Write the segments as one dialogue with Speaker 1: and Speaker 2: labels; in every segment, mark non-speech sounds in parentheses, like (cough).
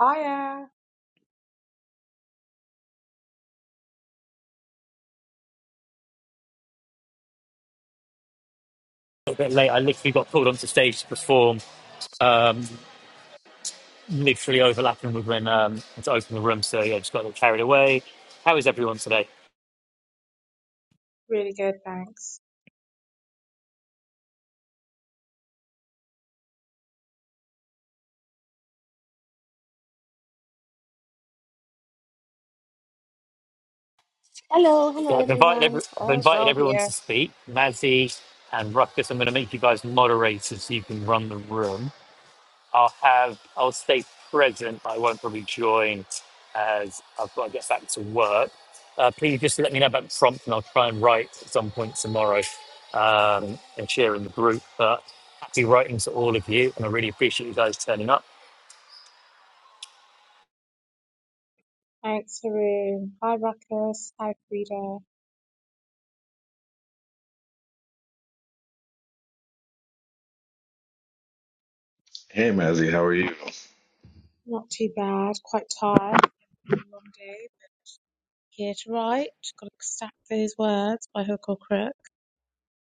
Speaker 1: Hiya.
Speaker 2: little bit late. I literally got pulled onto stage to perform, um, literally overlapping with when um, to open the room. So yeah, just got a little carried away. How is everyone today?
Speaker 1: Really good, thanks.
Speaker 3: Hello,
Speaker 2: Yeah,
Speaker 3: hello
Speaker 2: I've invited every,
Speaker 3: everyone.
Speaker 2: I've
Speaker 3: All's
Speaker 2: invited
Speaker 3: well
Speaker 2: everyone
Speaker 3: here.
Speaker 2: to speak. Mazzy and Ruckus, I'm going to make you guys moderators so you can run the room. I'll have I'll stay present. I won't probably join as I've got to get back to work. Uh, please just let me know about the prompt, and I'll try and write at some point tomorrow um, and share in the group. But happy writing to all of you, and I really appreciate you guys turning up.
Speaker 1: Thanks, Haroon. Hi, Ruckus. Hi, Frida.
Speaker 4: Hey Mazzy, how are you?
Speaker 1: Not too bad. Quite tired. Been a long day. Here to write. got to stack those words by hook or crook.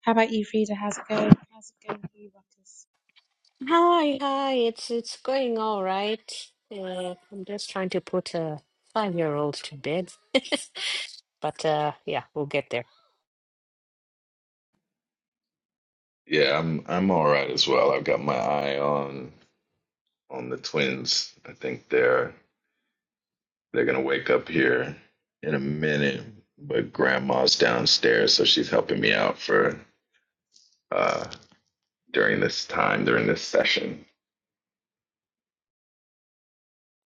Speaker 1: How about you, Frida? How's it going? How's it going for you, Ruckus?
Speaker 3: Hi, hi. It's it's going all right. Uh, I'm just trying to put a five-year-old to bed, (laughs) but uh, yeah, we'll get there.
Speaker 4: Yeah, I'm I'm all right as well. I've got my eye on on the twins. I think they're they're gonna wake up here in a minute, but grandma's downstairs, so she's helping me out for uh during this time, during this session.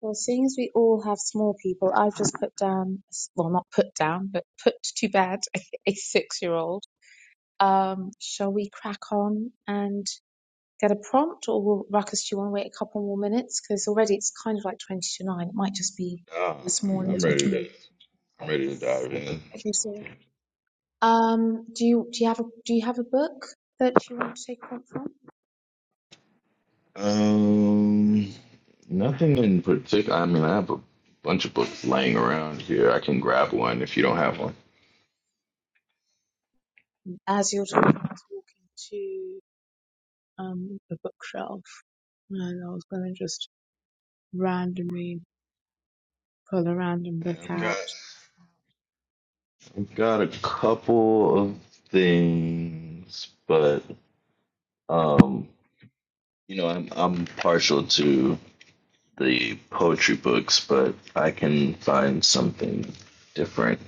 Speaker 1: Well, seeing as we all have small people, I've just put down, well, not put down, but put to bed (laughs) a six-year-old. Um, shall we crack on and get a prompt, or will Ruckus, do you want to wait a couple more minutes? Because already it's kind of like 20 to 9. It might just be
Speaker 4: Uh,
Speaker 1: a small
Speaker 4: I'm, I'm
Speaker 1: intimate
Speaker 4: ready to
Speaker 1: group.
Speaker 4: I'm ready to dive in.
Speaker 1: Okay, so um, do you do you have a do you have a book that you want to take a prompt from?
Speaker 4: Um, nothing in particular. I mean, I have a bunch of books laying around here. I can grab one if you don't have one.
Speaker 1: As you're talking, I was walking to um the bookshelf and I was gonna just randomly pull a random
Speaker 4: Yeah,
Speaker 1: book
Speaker 4: I've got
Speaker 1: out.
Speaker 4: I've got a couple of things, but um, you know, I'm I'm partial to the poetry books, but I can find something different.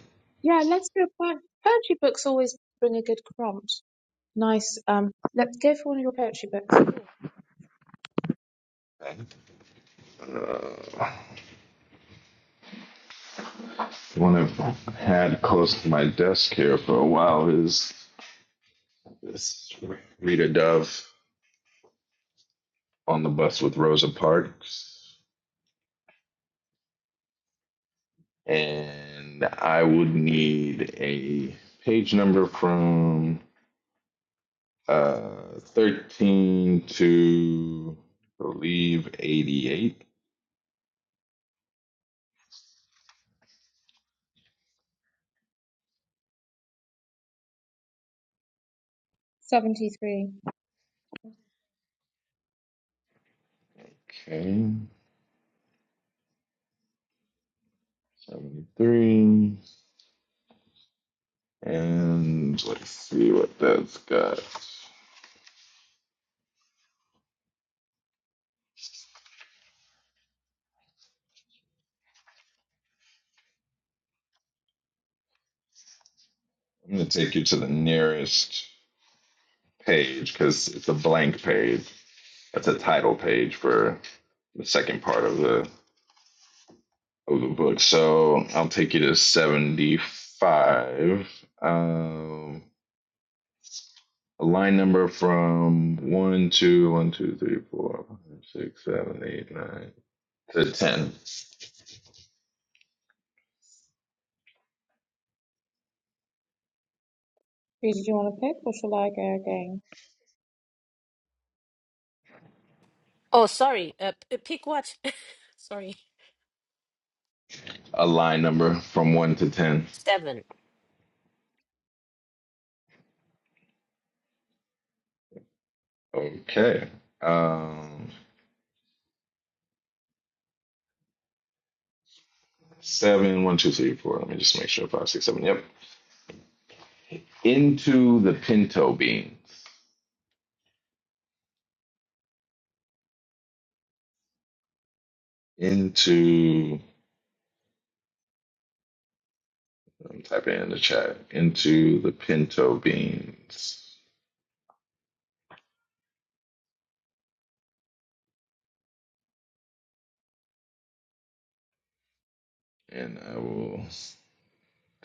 Speaker 1: Yeah, let's do a poem. Poetry books always bring a good prompt. Nice. Um, let's go for one of your poetry books.
Speaker 4: Uh, one I've had close to my desk here for a while is this Rita Dove on the bus with Rosa Parks, and I would need a page number from Uh, 13 to believe 88.
Speaker 1: 73.
Speaker 4: Okay. 73. And let's see what that's got. I'm going to take you to the nearest page because it's a blank page. That's a title page for the second part of the of the book. So I'll take you to 75. Um, a line number from one, two, one, two, three, four, five, six, seven, eight, nine to 10.
Speaker 1: Who did you want to pick, or shall I go again?
Speaker 3: Oh, sorry. Uh, p- pick what? (laughs) Sorry.
Speaker 4: A line number from 1 to 10.
Speaker 3: Seven.
Speaker 4: Okay. Um, 7, one, two, three, four. Let me just make sure. Five, six, seven. Yep. Into the pinto beans. Into, I'm typing in the chat. Into the pinto beans. And I will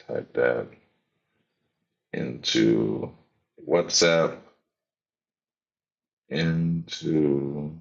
Speaker 4: type that into WhatsApp. Into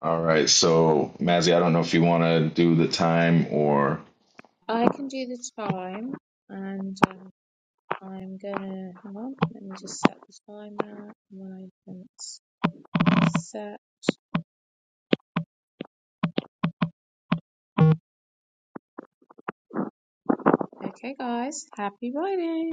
Speaker 4: All right, so Mazzy, I don't know if you want to do the time or.
Speaker 1: I can do the time, and um, I'm gonna hang on. Let me just set the timer. and When I can set, okay, guys, happy writing.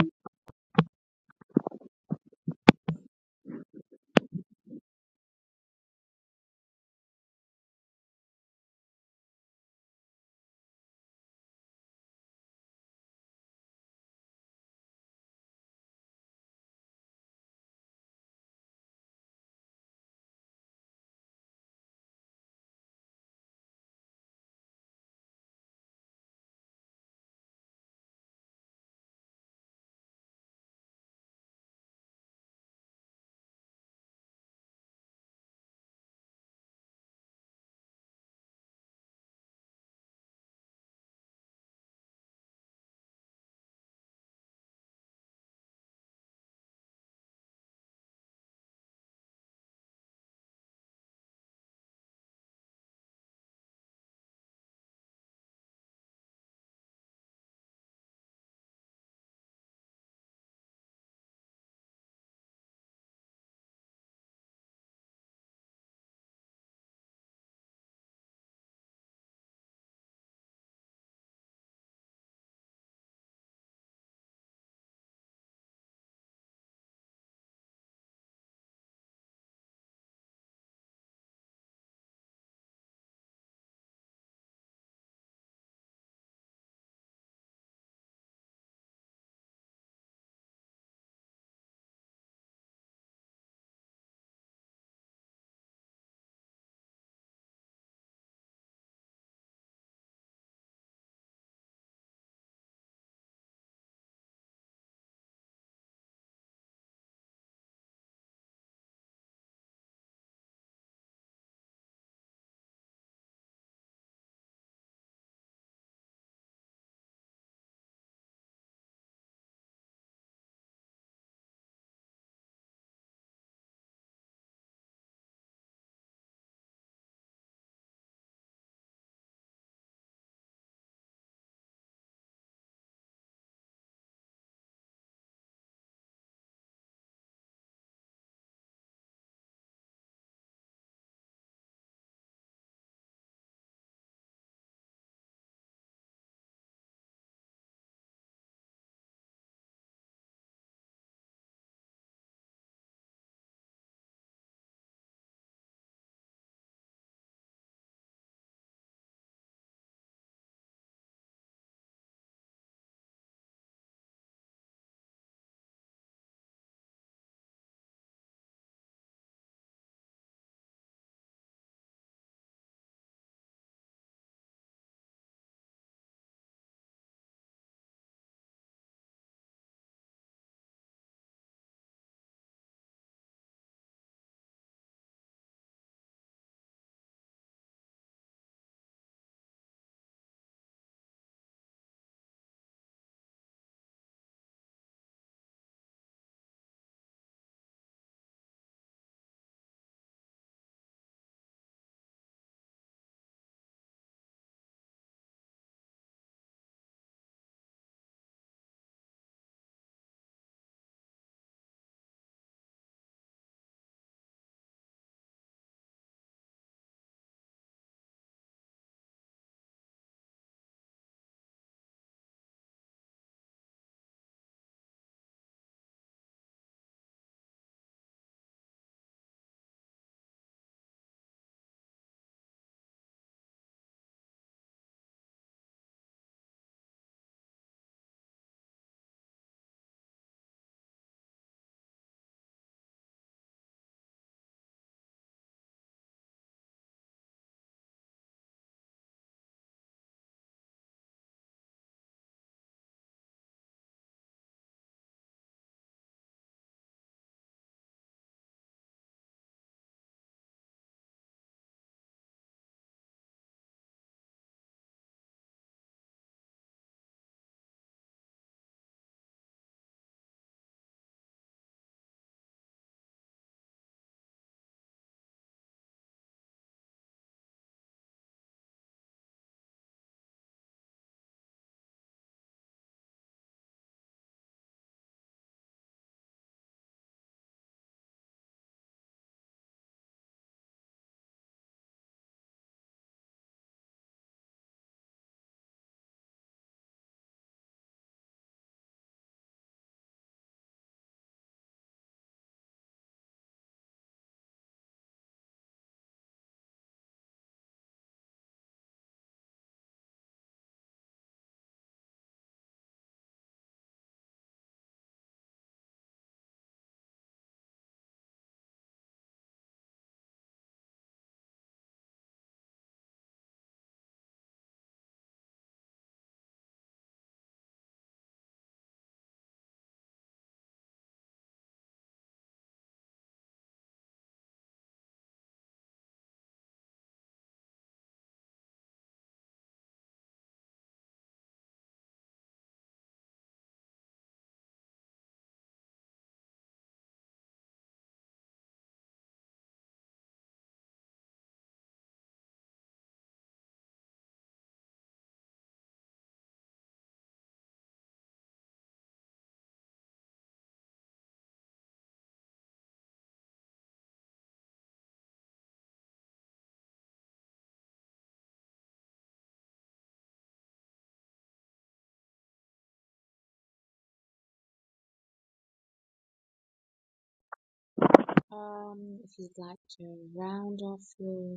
Speaker 1: Um, if you'd like to round off your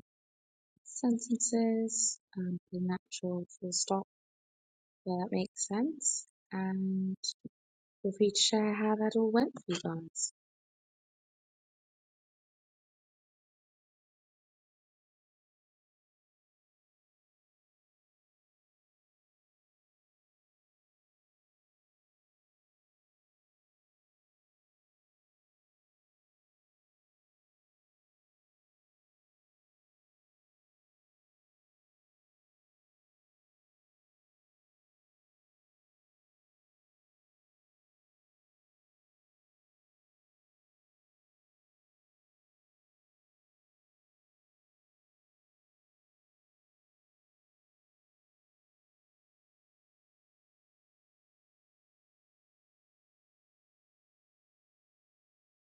Speaker 1: sentences, um, the natural full stop where that makes sense, and feel free to share how that all went for you guys.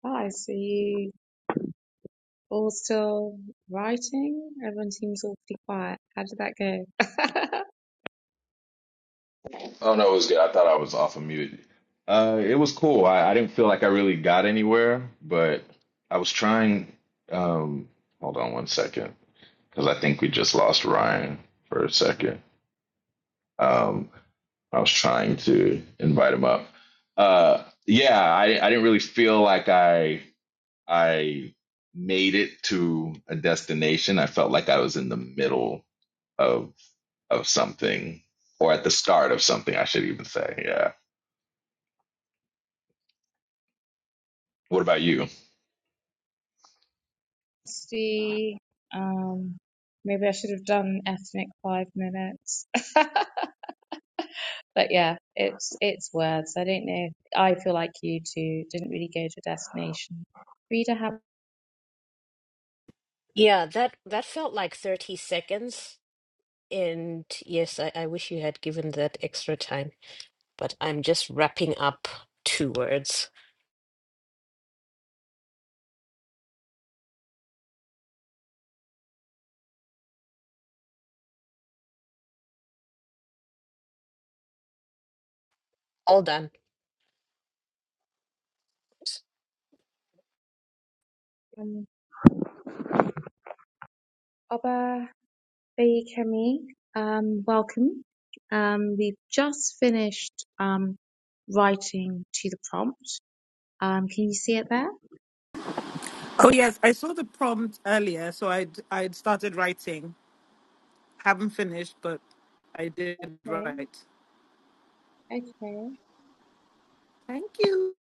Speaker 1: Bye. See you All still writing? Everyone seems awfully quiet. How did that go?
Speaker 4: Oh no, it was good. I thought I was off of mute. Uh, it was cool. I, I didn't feel like I really got anywhere, but I was trying. Um, hold on one second, because I think we just lost Ryan for a second. Um, I was trying to invite him up. Uh, yeah, I I didn't really feel like I I made it to a destination. I felt like I was in the middle of of something or at the start of something, I should even say. Yeah. What about you?
Speaker 1: (laughs) See, um, maybe I should have done ethnic five minutes. (laughs) But yeah, it's it's words. I don't know. I feel like you two didn't really go to a destination. Rita, have
Speaker 3: Yeah, that that felt like 30 seconds. And yes, I, I wish you had given that extra time, but I'm just wrapping up two words. All done.
Speaker 1: um, Oba. Hey, Kemi, um, welcome. Um, we've just finished um, writing to the prompt. Um, can you see it there?
Speaker 5: Oh yes, I saw the prompt earlier, so I would I would started writing. Haven't finished, but I did
Speaker 1: Okay,
Speaker 5: write.
Speaker 1: okay.
Speaker 5: Thank you.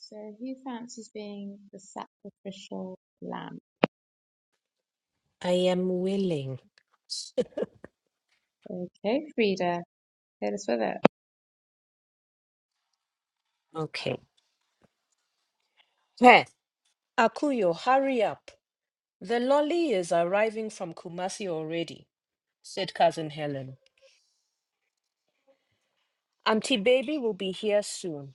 Speaker 1: So, who fancies being the sacrificial lamb?
Speaker 3: I am willing.
Speaker 1: Okay, Frida, hit us with it.
Speaker 3: Okay. Akuyo, hurry up. The lolly is arriving from Kumasi already, said Cousin Helen. Auntie Baby will be here soon.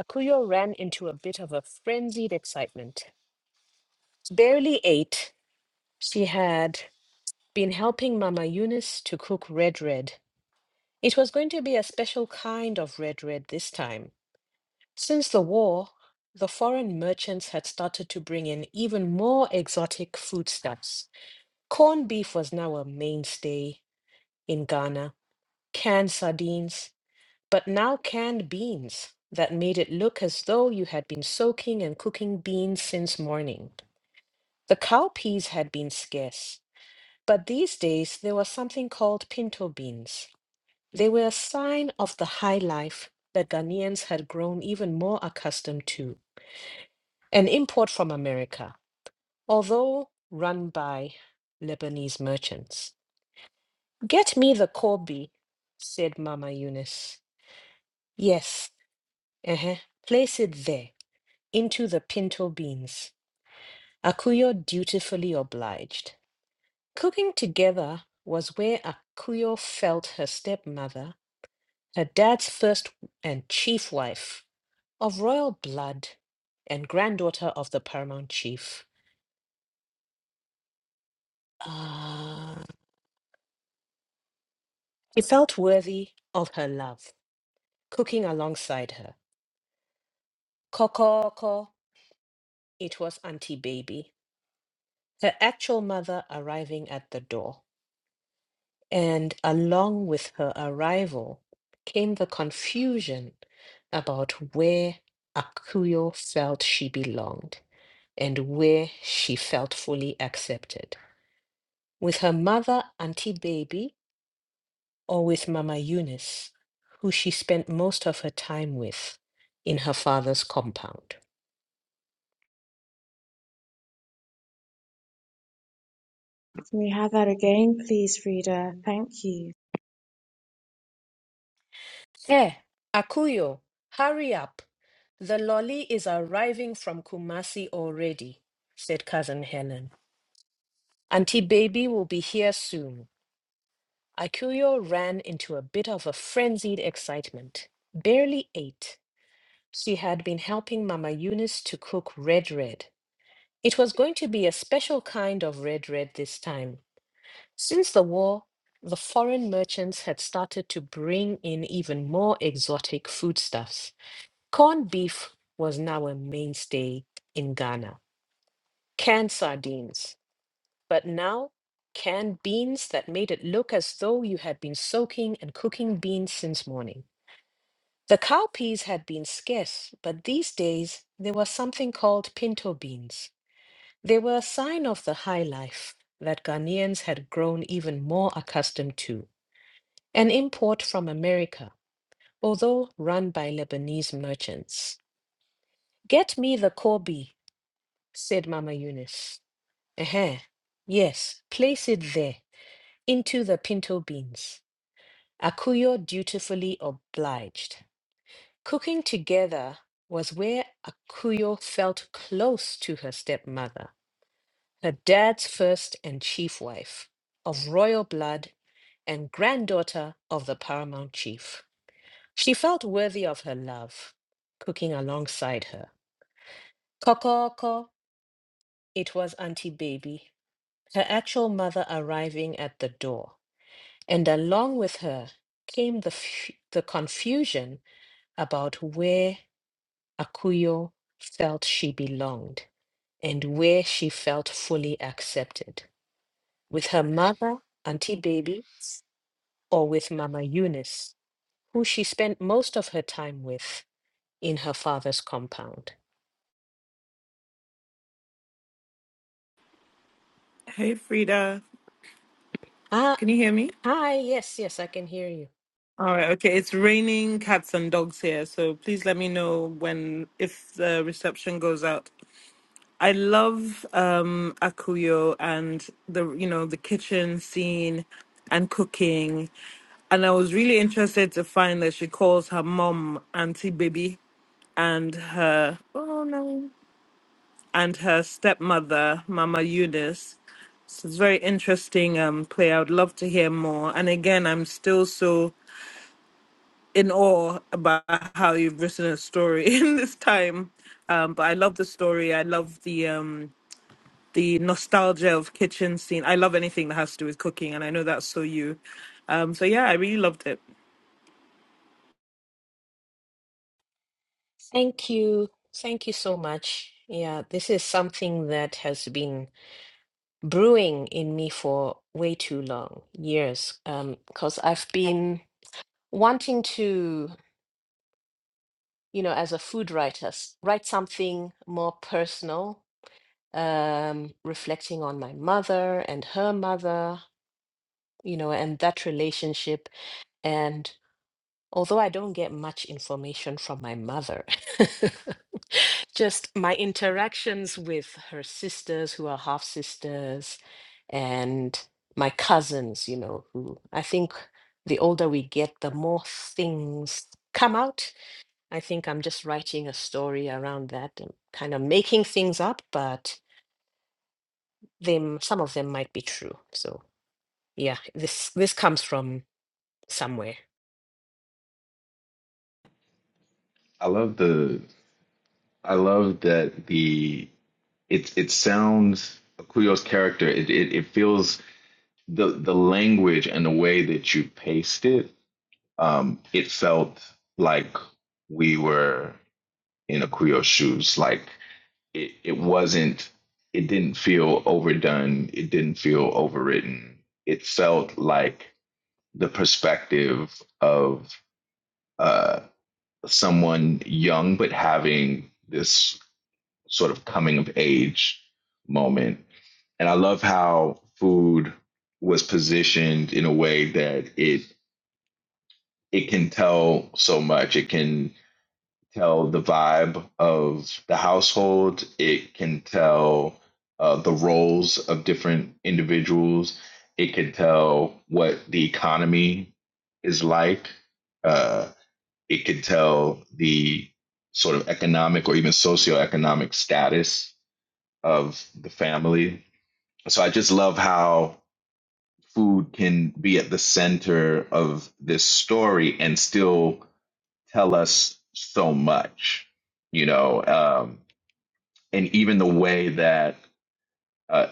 Speaker 3: Akuyo ran into a bit of a frenzied excitement. Barely eight, she had been helping Mama Eunice to cook red red. It was going to be a special kind of red red this time. Since the war, the foreign merchants had started to bring in even more exotic foodstuffs. Corned beef was now a mainstay, in Ghana, canned sardines, but now canned beans that made it look as though you had been soaking and cooking beans since morning. The cowpeas had been scarce, but these days there was something called pinto beans. They were a sign of the high life that Ghanaians had grown even more accustomed to, an import from America, although run by Lebanese merchants. Get me the Kobe, said Mama Eunice. Yes, Uh-huh. Place it there, into the pinto beans. Akuyo dutifully obliged. Cooking together was where Akuyo felt her stepmother, her dad's first and chief wife, of royal blood and granddaughter of the paramount chief. Ah, she felt worthy of her love, cooking alongside her. Kokoko, it was Auntie Baby, her actual mother arriving at the door. And along with her arrival came the confusion about where Akuyo felt she belonged and where she felt fully accepted. With her mother, Auntie Baby, or with Mama Eunice, who she spent most of her time with in her father's compound.
Speaker 1: Can we have that again, please, Frida? Thank you.
Speaker 3: Eh, Akuyo, hurry up. The lolly is arriving from Kumasi already, said Cousin Helen. Auntie Baby will be here soon. Akuyo ran into a bit of a frenzied excitement. Barely ate. she had been helping Mama Eunice to cook red red. It was going to be a special kind of red red this time. Since the war, the foreign merchants had started to bring in even more exotic foodstuffs. Corned beef was now a mainstay in Ghana. Canned sardines. But now, canned beans that made it look as though you had been soaking and cooking beans since morning. The cowpeas had been scarce, but these days they were something called pinto beans. They were a sign of the high life that Ghanaians had grown even more accustomed to, an import from America, although run by Lebanese merchants. Get me the corby, said Mama Eunice. Eh, yes, place it there, into the pinto beans. Akuyo dutifully obliged. Cooking together was where Akuyo felt close to her stepmother, her dad's first and chief wife, of royal blood and granddaughter of the paramount chief. She felt worthy of her love, cooking alongside her. Kokoko, it was Auntie Baby, her actual mother arriving at the door. And along with her came the, f- the confusion about where Akuyo felt she belonged and where she felt fully accepted with her mother, Auntie Baby, or with Mama Eunice, who she spent most of her time with in her father's compound.
Speaker 5: Hey Frida,
Speaker 3: Ah,
Speaker 5: can you hear me?
Speaker 3: hi, yes, yes, I can hear you.
Speaker 5: All right, okay. It's raining cats and dogs here, so please let me know when if the reception goes out. I love um Akuyo and the you know the kitchen scene and cooking. And I was really interested to find that she calls her mom Auntie Baby and her oh no and her stepmother Mama Eunice. So it's very interesting um play. I would love to hear more. And again, I'm still so in awe about how you've written a story (laughs) in this time. Um, but I love the story. I love the um the nostalgia of kitchen scene. I love anything that has to do with cooking, and I know that's so you. Um, so yeah, I really loved it.
Speaker 3: Thank you. Thank you so much. Yeah, this is something that has been brewing in me for way too long, years, um, because I've been wanting to, you know, as a food writer, s- write something more personal, um, reflecting on my mother and her mother, you know, and that relationship. And although I don't get much information from my mother, (laughs) just my interactions with her sisters who are half sisters and my cousins, you know, who I think the older we get, the more things come out I think I'm just writing a story around that and kind of making things up, but them some of them might be true. So yeah, this this comes from somewhere.
Speaker 4: I love the I love that the it it sounds Akuyo's character it, it it feels the the language and the way that you paced it um it felt like we were in Akuyo's shoes like it it wasn't it didn't feel overdone it didn't feel overwritten it felt like the perspective of uh someone young but having this sort of coming of age moment and i love how food was positioned in a way that it it can tell so much it can tell the vibe of the household. It can tell uh, the roles of different individuals. It can tell what the economy is like. Uh, it can tell the sort of economic or even socioeconomic status of the family. So I just love how food can be at the center of this story and still tell us so much, you know, um, and even the way that, uh,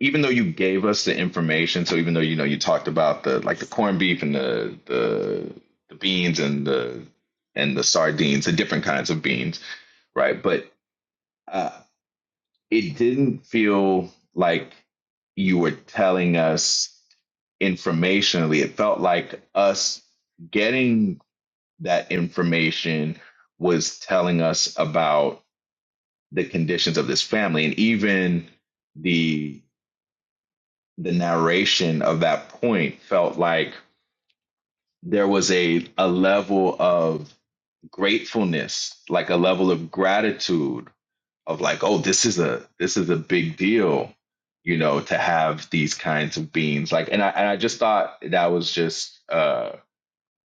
Speaker 4: even though you gave us the information, so even though you know you talked about the like the corned beef and the the the beans and the and the sardines, the different kinds of beans, right? But uh, it didn't feel like you were telling us informationally. It felt like us getting that information was telling us about the conditions of this family and even the the narration of that point felt like there was a a level of gratefulness like a level of gratitude of like oh this is a this is a big deal you know to have these kinds of beings like and i and i just thought that was just uh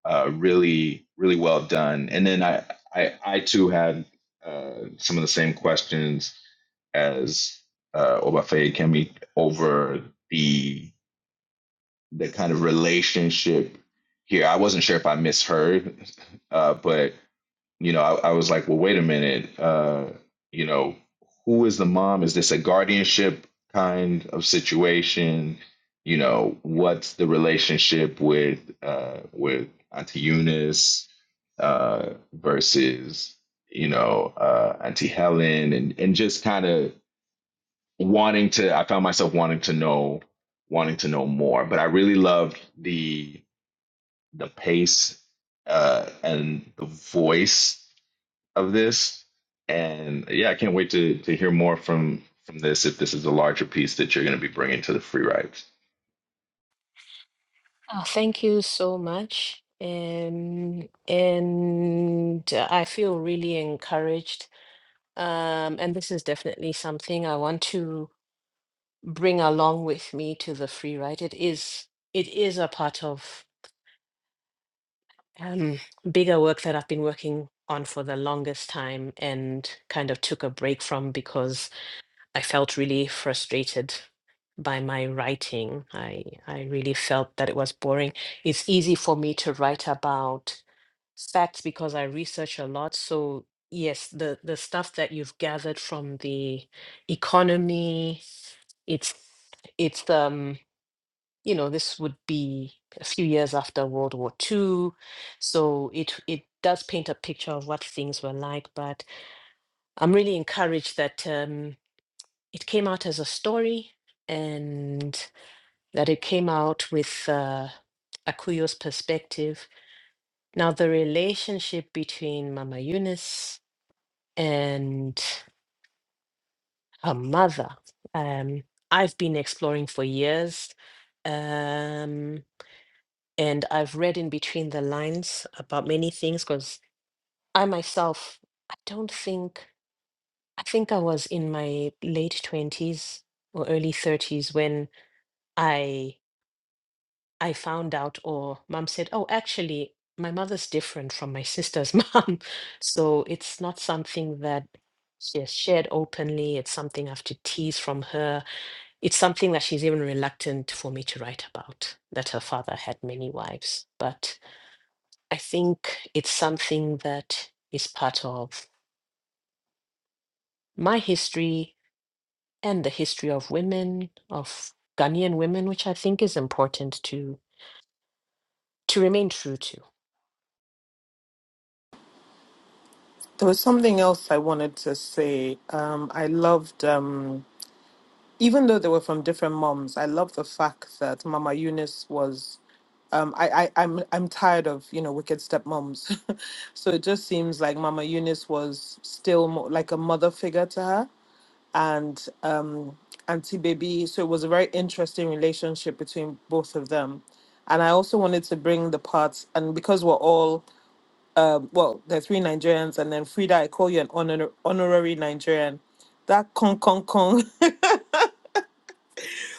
Speaker 4: uh, really really well done. And then I I, I too had uh, some of the same questions as uh, Obafe Kemi over the the kind of relationship here. I wasn't sure if I misheard, uh, but you know, I, I was like, well, wait a minute. Uh, you know, who is the mom? Is this a guardianship kind of situation? You know, what's the relationship with uh, with Auntie Eunice uh, versus you know uh, Auntie Helen, and and just kind of wanting to. I found myself wanting to know, wanting to know more. But I really loved the the pace uh, and the voice of this. And yeah, I can't wait to to hear more from from this if this is a larger piece that you're going to be bringing to the free rides.
Speaker 3: Oh, thank you so much. Um, and uh, I feel really encouraged. Um, and this is definitely something I want to bring along with me to the free ride. It is it is a part of um, bigger work that I've been working on for the longest time and kind of took a break from because I felt really frustrated by my writing. I, I really felt that it was boring. It's easy for me to write about facts because I research a lot. So, yes, the, the stuff that you've gathered from the economy, it's it's um you know, this would be a few years after World War Two, So it it does paint a picture of what things were like. But I'm really encouraged that um, it came out as a story and that it came out with uh, Akuyo's perspective. Now, the relationship between Mama Eunice and her mother, um, I've been exploring for years. Um, and I've read in between the lines about many things because I myself, I don't think, I think I was in my late 20s or early 30s when I I found out or mom said, "Oh, actually, my mother's different from my sister's (laughs) mom." So it's not something that she has shared openly. It's something I have to tease from her. It's something that she's even reluctant for me to write about, that her father had many wives. But I think it's something that is part of my history and the history of women, of Ghanaian women, which I think is important to to remain true to.
Speaker 5: There was something else I wanted to say. Um, I loved, um, even though they were from different moms, I love the fact that Mama Eunice was. Um, I, I I'm I'm tired of you know wicked stepmoms, (laughs) so it just seems like Mama Eunice was still more like a mother figure to her. and um, Auntie Baby. So it was a very interesting relationship between both of them. And I also wanted to bring the parts, and because we're all, well, there are three Nigerians, and then Frida, I call you an honor- honorary Nigerian. That con con con.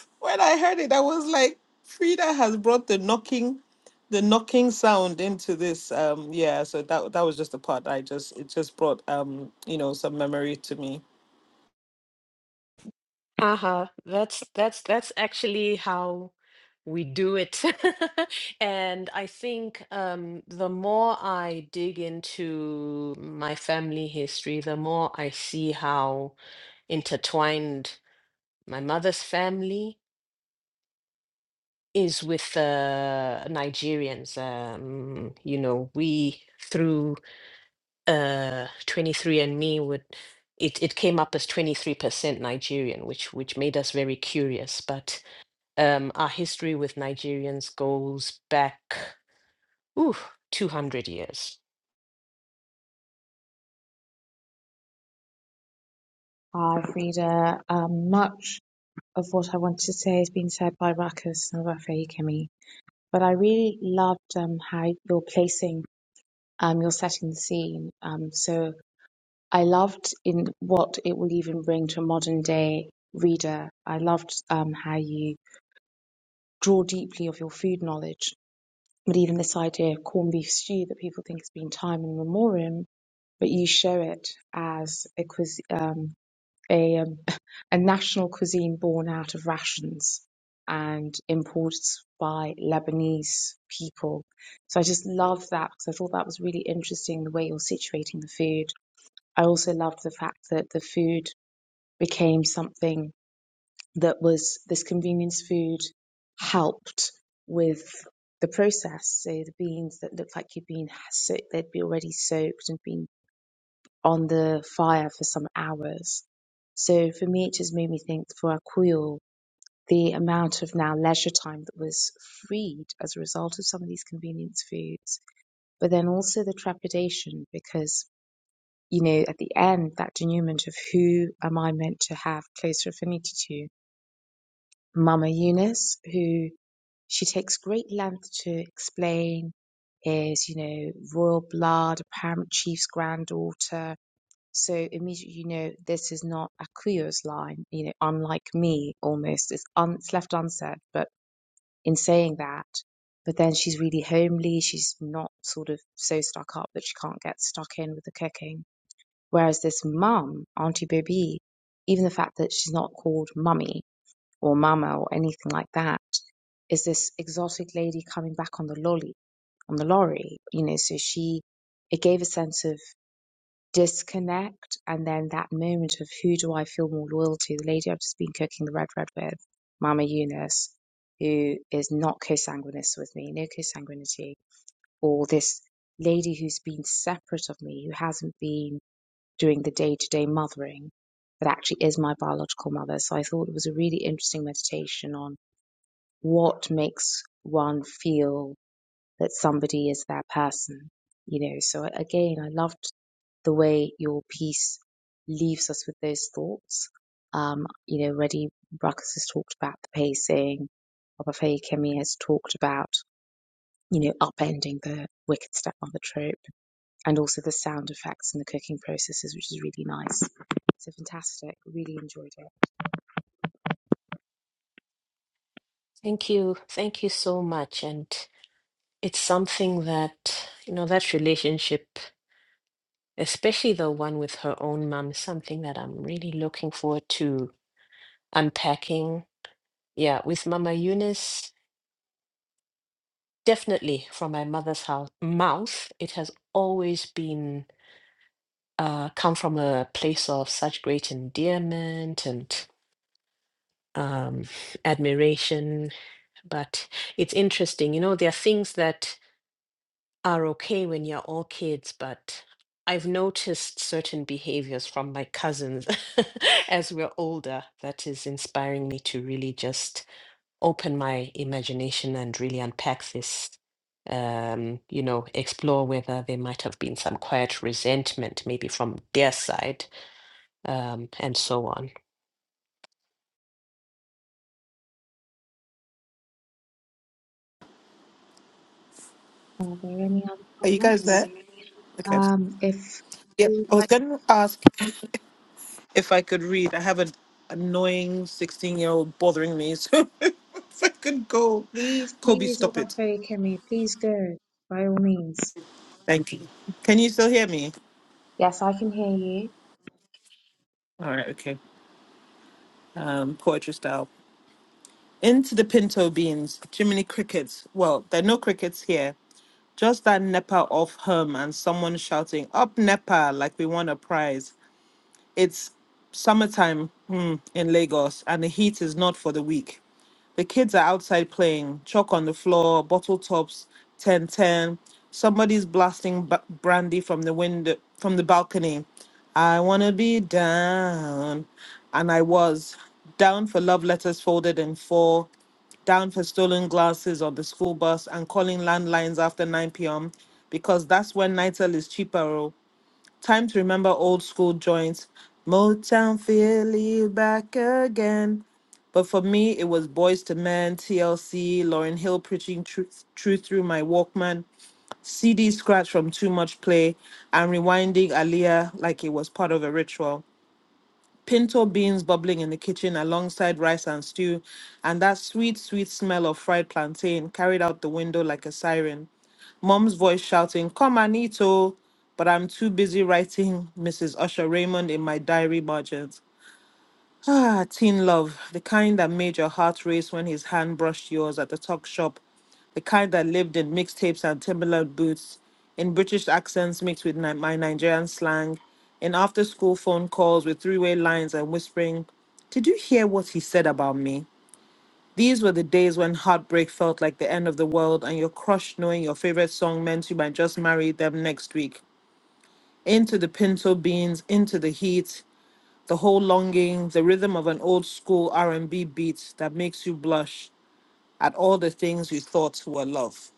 Speaker 5: (laughs) when I heard it, I was like, Frida has brought the knocking, the knocking sound into this. Um, yeah, so that that was just the part I just it just brought um, you know, some memory to me.
Speaker 3: Uh-huh. That's that's that's actually how we do it. (laughs) and I think um, the more I dig into my family history, the more I see how intertwined my mother's family is with uh, Nigerians. Um, you know, we through uh, 23andMe would it, it came up as 23% Nigerian, which which made us very curious. But um, our history with Nigerians goes back ooh, 200 years.
Speaker 1: Ah, Frida, um, much of what I wanted to say has been said by Ruckus and Rafe Kemi. but I really loved um, how you're placing, um, you're setting the scene. Um, so I loved in what it will even bring to a modern day reader. I loved um, how you draw deeply of your food knowledge, but even this idea of corned beef stew that people think has been time in memoriam, but you show it as a cuisine. a um, (laughs) a national cuisine born out of rations and imported by Lebanese people. So I just love that because I thought that was really interesting the way you're situating the food. I also loved the fact that the food became something that was this convenience food helped with the process. So the beans that looked like you'd been soaked, they'd be already soaked and been on the fire for some hours. So for me, it just made me think for Akuyo, the amount of now leisure time that was freed as a result of some of these convenience foods, but then also the trepidation because, you know, at the end, that denouement of who am I meant to have closer affinity to? Mama Eunice, who she takes great length to explain is, you know, royal blood, apparent chief's granddaughter, so immediately you know this is not Akuyo's line, you know, unlike me almost. It's, un, it's left unsaid, but in saying that, but then she's really homely. She's not sort of so stuck up that she can't get stuck in with the cooking. Whereas this mum, Auntie Baby, even the fact that she's not called mummy or mama or anything like that, is this exotic lady coming back on the lolly, on the lorry, you know, so she, it gave a sense of disconnect and then that moment of who do I feel more loyal to? The lady I've just been cooking the red red with, Mama Eunice, who is not co-sanguineous with me, no co-sanguinity, or this lady who's been separate of me, who hasn't been doing the day-to-day mothering, but actually is my biological mother. So I thought it was a really interesting meditation on what makes one feel that somebody is their person. You know, so again, I loved the way your piece leaves us with those thoughts. Um, you know, already Ruckus has talked about the pacing. Obafemi Kemi has talked about, you know, upending the wicked stepmother trope and also the sound effects and the cooking processes, which is really nice. So fantastic. Really enjoyed it.
Speaker 3: Thank you, thank you so much, and it's something that you know that relationship, especially the one with her own mom, is something that I'm really looking forward to unpacking Yeah, with Mama Eunice, definitely from my mother's house, mouth, it has always been uh, come from a place of such great endearment and um, admiration. But it's interesting, you know, there are things that are okay when you're all kids, but I've noticed certain behaviors from my cousins (laughs) as we're older that is inspiring me to really just. open my imagination and really unpack this, um, you know, explore whether there might have been some quiet resentment, maybe from their side, um, and so on.
Speaker 1: Are there any other
Speaker 5: Are you guys
Speaker 1: comments?
Speaker 5: there? Okay.
Speaker 1: Um, if
Speaker 5: Yep.
Speaker 1: you would
Speaker 5: I was
Speaker 1: like,
Speaker 5: gonna ask. if I could read. I have an annoying 16 year old bothering me. (laughs) So if I could go,
Speaker 1: please,
Speaker 5: Kobe,
Speaker 1: please,
Speaker 5: stop it.
Speaker 1: Obafemi Kemi, please go by all means.
Speaker 5: Thank you. Can you still hear me?
Speaker 1: Yes, I can hear you.
Speaker 5: All right, okay. Um, poetry style. Into the pinto beans, Jiminy crickets. Well, there are no crickets here. Just that Nepa off hum and someone shouting, Up Nepa, like we won a prize. It's summertime hmm, in Lagos, and the heat is not for the weak. The kids are outside playing, chalk on the floor, bottle tops, ten ten. Somebody's blasting ba- brandy from the window, from the balcony. I wanna be down, and I was down for love letters folded in four, down for stolen glasses on the school bus, and calling landlines after 9 p.m. because that's when NITEL is cheaper. oh. Time to remember old school joints. Motown Philly back again. But for me, it was Boys to Men, TLC, Lauryn Hill preaching truth, truth through my Walkman, CD scratch from Too Much Play, and rewinding Aaliyah like it was part of a ritual pinto beans bubbling in the kitchen alongside rice and stew, and that sweet, sweet smell of fried plantain carried out the window like a siren. Mom's voice shouting, Come and eat, oh! But I'm too busy writing Mrs. Usher Raymond in my diary margins. Ah, teen love, the kind that made your heart race when his hand brushed yours at the talk shop, the kind that lived in mixtapes and Timberland boots, in British accents mixed with Ni- my Nigerian slang, in after school phone calls with three way lines and whispering, Did you hear what he said about me? These were the days when heartbreak felt like the end of the world and your crush knowing your favorite song meant you might just marry them next week. Into the pinto beans, into the heat, the whole longing, the rhythm of an old school R&B beat that makes you blush at all the things you thought were love.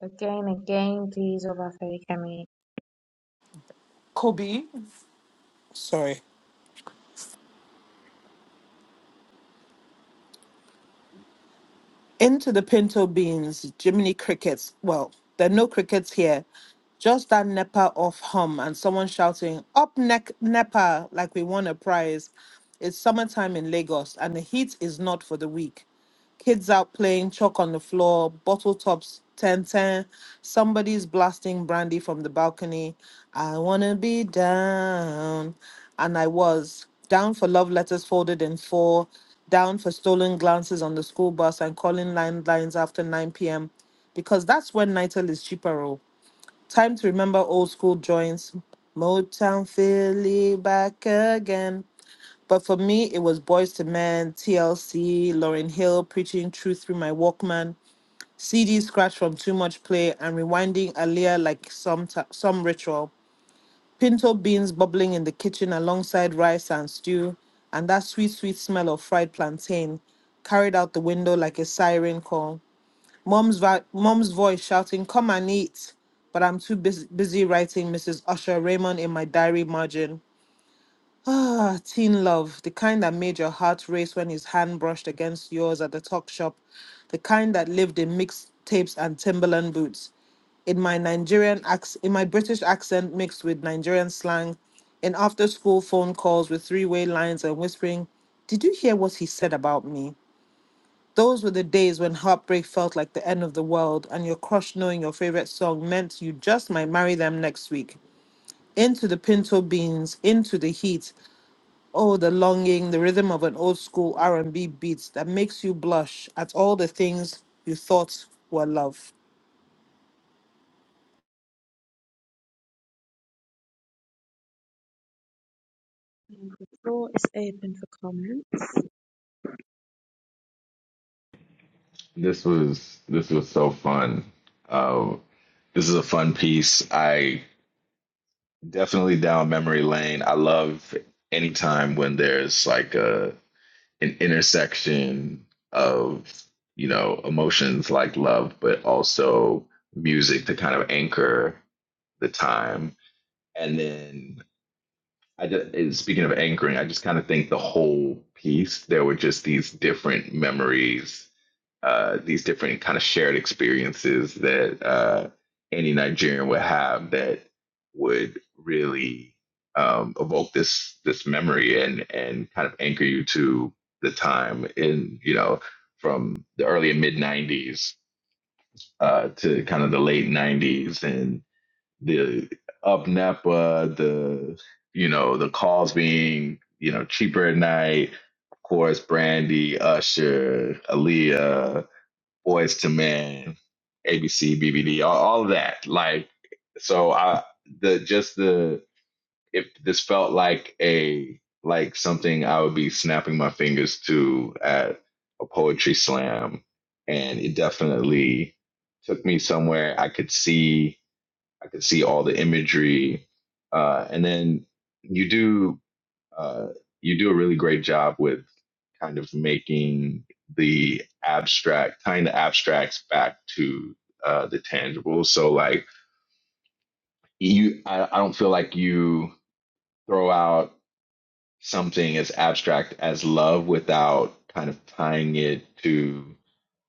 Speaker 1: Again, again, please, all our fairy community.
Speaker 5: Kobe, sorry, into the pinto beans, Jiminy crickets. Well, there are no crickets here, just that nepa off hum and someone shouting up neck nepa like we won a prize. It's summertime in Lagos and the heat is not for the weak. kids out playing chalk on the floor, bottle tops, 10 10. Somebody's blasting brandy from the balcony. I wanna be down. And I was down for love letters folded in four, down for stolen glances on the school bus and calling landlines after 9 p.m. because that's when Nitel is cheaper. oh. Time to remember old school joints. Motown Philly back again. But for me, it was Boys to Men, TLC, Lauryn Hill, Preaching Truth Through My Walkman, CD Scratch from Too Much Play, and Rewinding Aaliyah like some, t- some ritual. Pinto beans bubbling in the kitchen alongside rice and stew, and that sweet, sweet smell of fried plantain carried out the window like a siren call. Mom's, va- Mom's voice shouting, Come and eat! But I'm too bus- busy writing Mrs. Usher Raymond in my diary margin. Ah, teen love, the kind that made your heart race when his hand brushed against yours at the talk shop, the kind that lived in mixtapes and Timberland boots, in my Nigerian ac- in my British accent mixed with Nigerian slang, in after-school phone calls with three-way lines and whispering, "Did you hear what he said about me?" Those were the days when heartbreak felt like the end of the world, and your crush knowing your favorite song meant you just might marry them next week. Into the pinto beans, into the heat, Oh, the longing, the rhythm of an old school R&B beat that makes you blush at all the things you thought were love.
Speaker 1: The floor is open for comment.
Speaker 4: This was this was so fun. Um, this is a fun piece. I definitely down memory lane. I love anytime when there's like a an intersection of you know emotions like love but also music to kind of anchor the time and then i just, speaking of anchoring i just kind of think the whole piece there were just these different memories uh, these different kind of shared experiences that uh, any Nigerian would have that would really um, evoke this this memory and and kind of anchor you to the time in you know from the early and mid '90s uh, to kind of the late '90s and the up Napa, the you know the calls being you know cheaper at night. Of course, Brandy, Usher, Aaliyah, boys to men, A B C B B D, all, all of that. Like, so I the just the if this felt like a like something I would be snapping my fingers to at a poetry slam, and it definitely took me somewhere. I could see I could see all the imagery, uh, and then you do uh, you do a really great job with kind of making the abstract, tying the abstracts back to uh, the tangible. So like you, I, I don't feel like you throw out something as abstract as love without kind of tying it to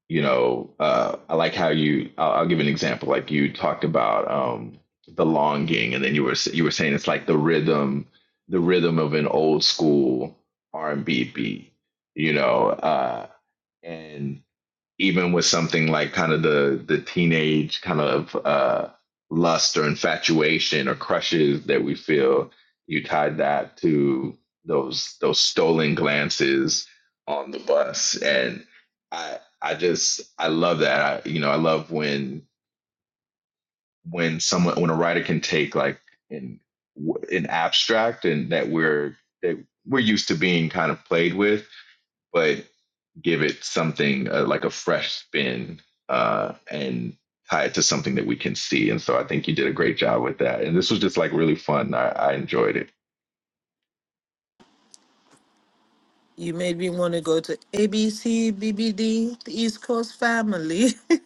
Speaker 4: you know uh, i like how you I'll, I'll give an example like you talked about um, the longing and then you were you were saying it's like the rhythm the rhythm of an old school r&b beat you know uh, and even with something like kind of the the teenage kind of uh, lust or infatuation or crushes that we feel, you tied that to those those stolen glances on the bus, and I I just I love that. I, you know, I love when when someone when a writer can take like an an abstract and that we're that we're used to being kind of played with, but give it something uh, like a fresh spin uh, and tie it to something that we can see. And so I think you did a great job with that. And this was just like really fun. I, I enjoyed it.
Speaker 5: You made me want to go to A B C B B D, the East Coast family. (laughs)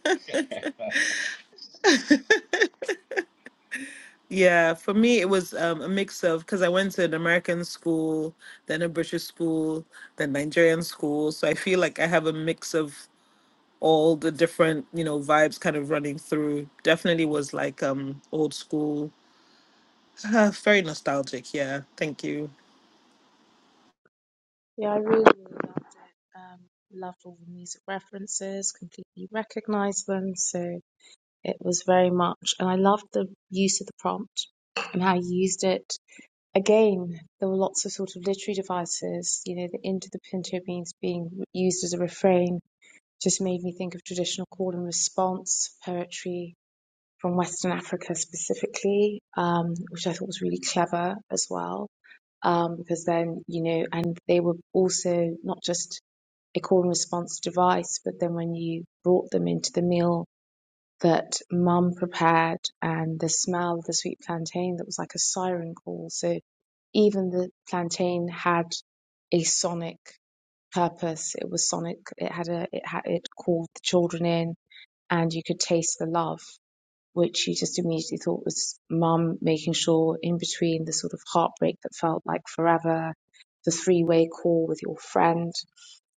Speaker 5: yeah, for me, it was um, a mix of because I went to an American school, then a British school, then Nigerian school. So I feel like I have a mix of all the different, you know, vibes kind of running through. Definitely was like um old school. (sighs) (laughs) very nostalgic. Yeah. Thank you.
Speaker 1: Yeah, I really, really loved it. Um, loved all the music references, completely recognized them. So it was very much, and I loved the use of the prompt and how you used it. Again, there were lots of sort of literary devices, you know, the into the pinto beans being used as a refrain just made me think of traditional call and response poetry from Western Africa specifically, um, which I thought was really clever as well. Um, because then, you know, and they were also not just a call and response device, but then when you brought them into the meal that mum prepared and the smell of the sweet plantain, that was like a siren call. So even the plantain had a sonic purpose. It was sonic. It had a, it had, it called the children in and you could taste the love which you just immediately thought was mum making sure in between the sort of heartbreak that felt like forever, the three way call with your friend,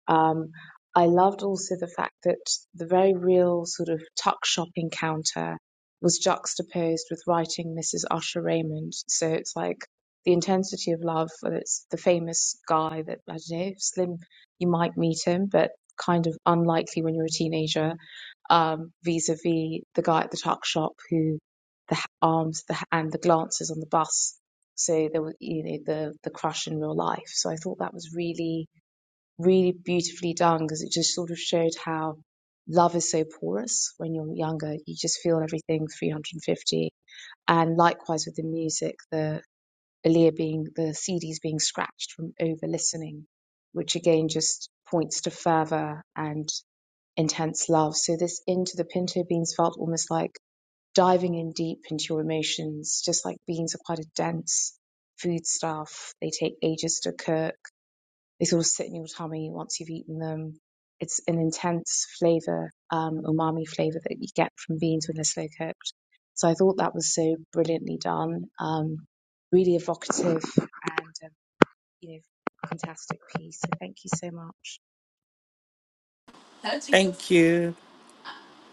Speaker 1: um, I loved also the fact that the very real sort of tuck shop encounter was juxtaposed with writing Mrs. Usher Raymond. So it's like the intensity of love, whether it's the famous guy that, I don't know, Slim, you might meet him, but kind of unlikely when you're a teenager, um, vis-a-vis the guy at the tuck shop who the h- arms the, h- and the glances on the bus. So there was you know, the, the crush in real life. So I thought that was really really beautifully done because it just sort of showed how love is so porous when you're younger. You just feel everything 350. And likewise with the music, the Aaliyah being, the CDs being scratched from over listening, which again just points to fervor and intense love. So this into the pinto beans felt almost like diving in deep into your emotions, just like beans are quite a dense foodstuff. They take ages to cook they sort of sit in your tummy once you've eaten them. It's an intense flavor, um, umami flavor that you get from beans when they're slow cooked. So I thought that was so brilliantly done, um, really evocative and, um, you know, fantastic piece. So thank you so much.
Speaker 5: Thank you.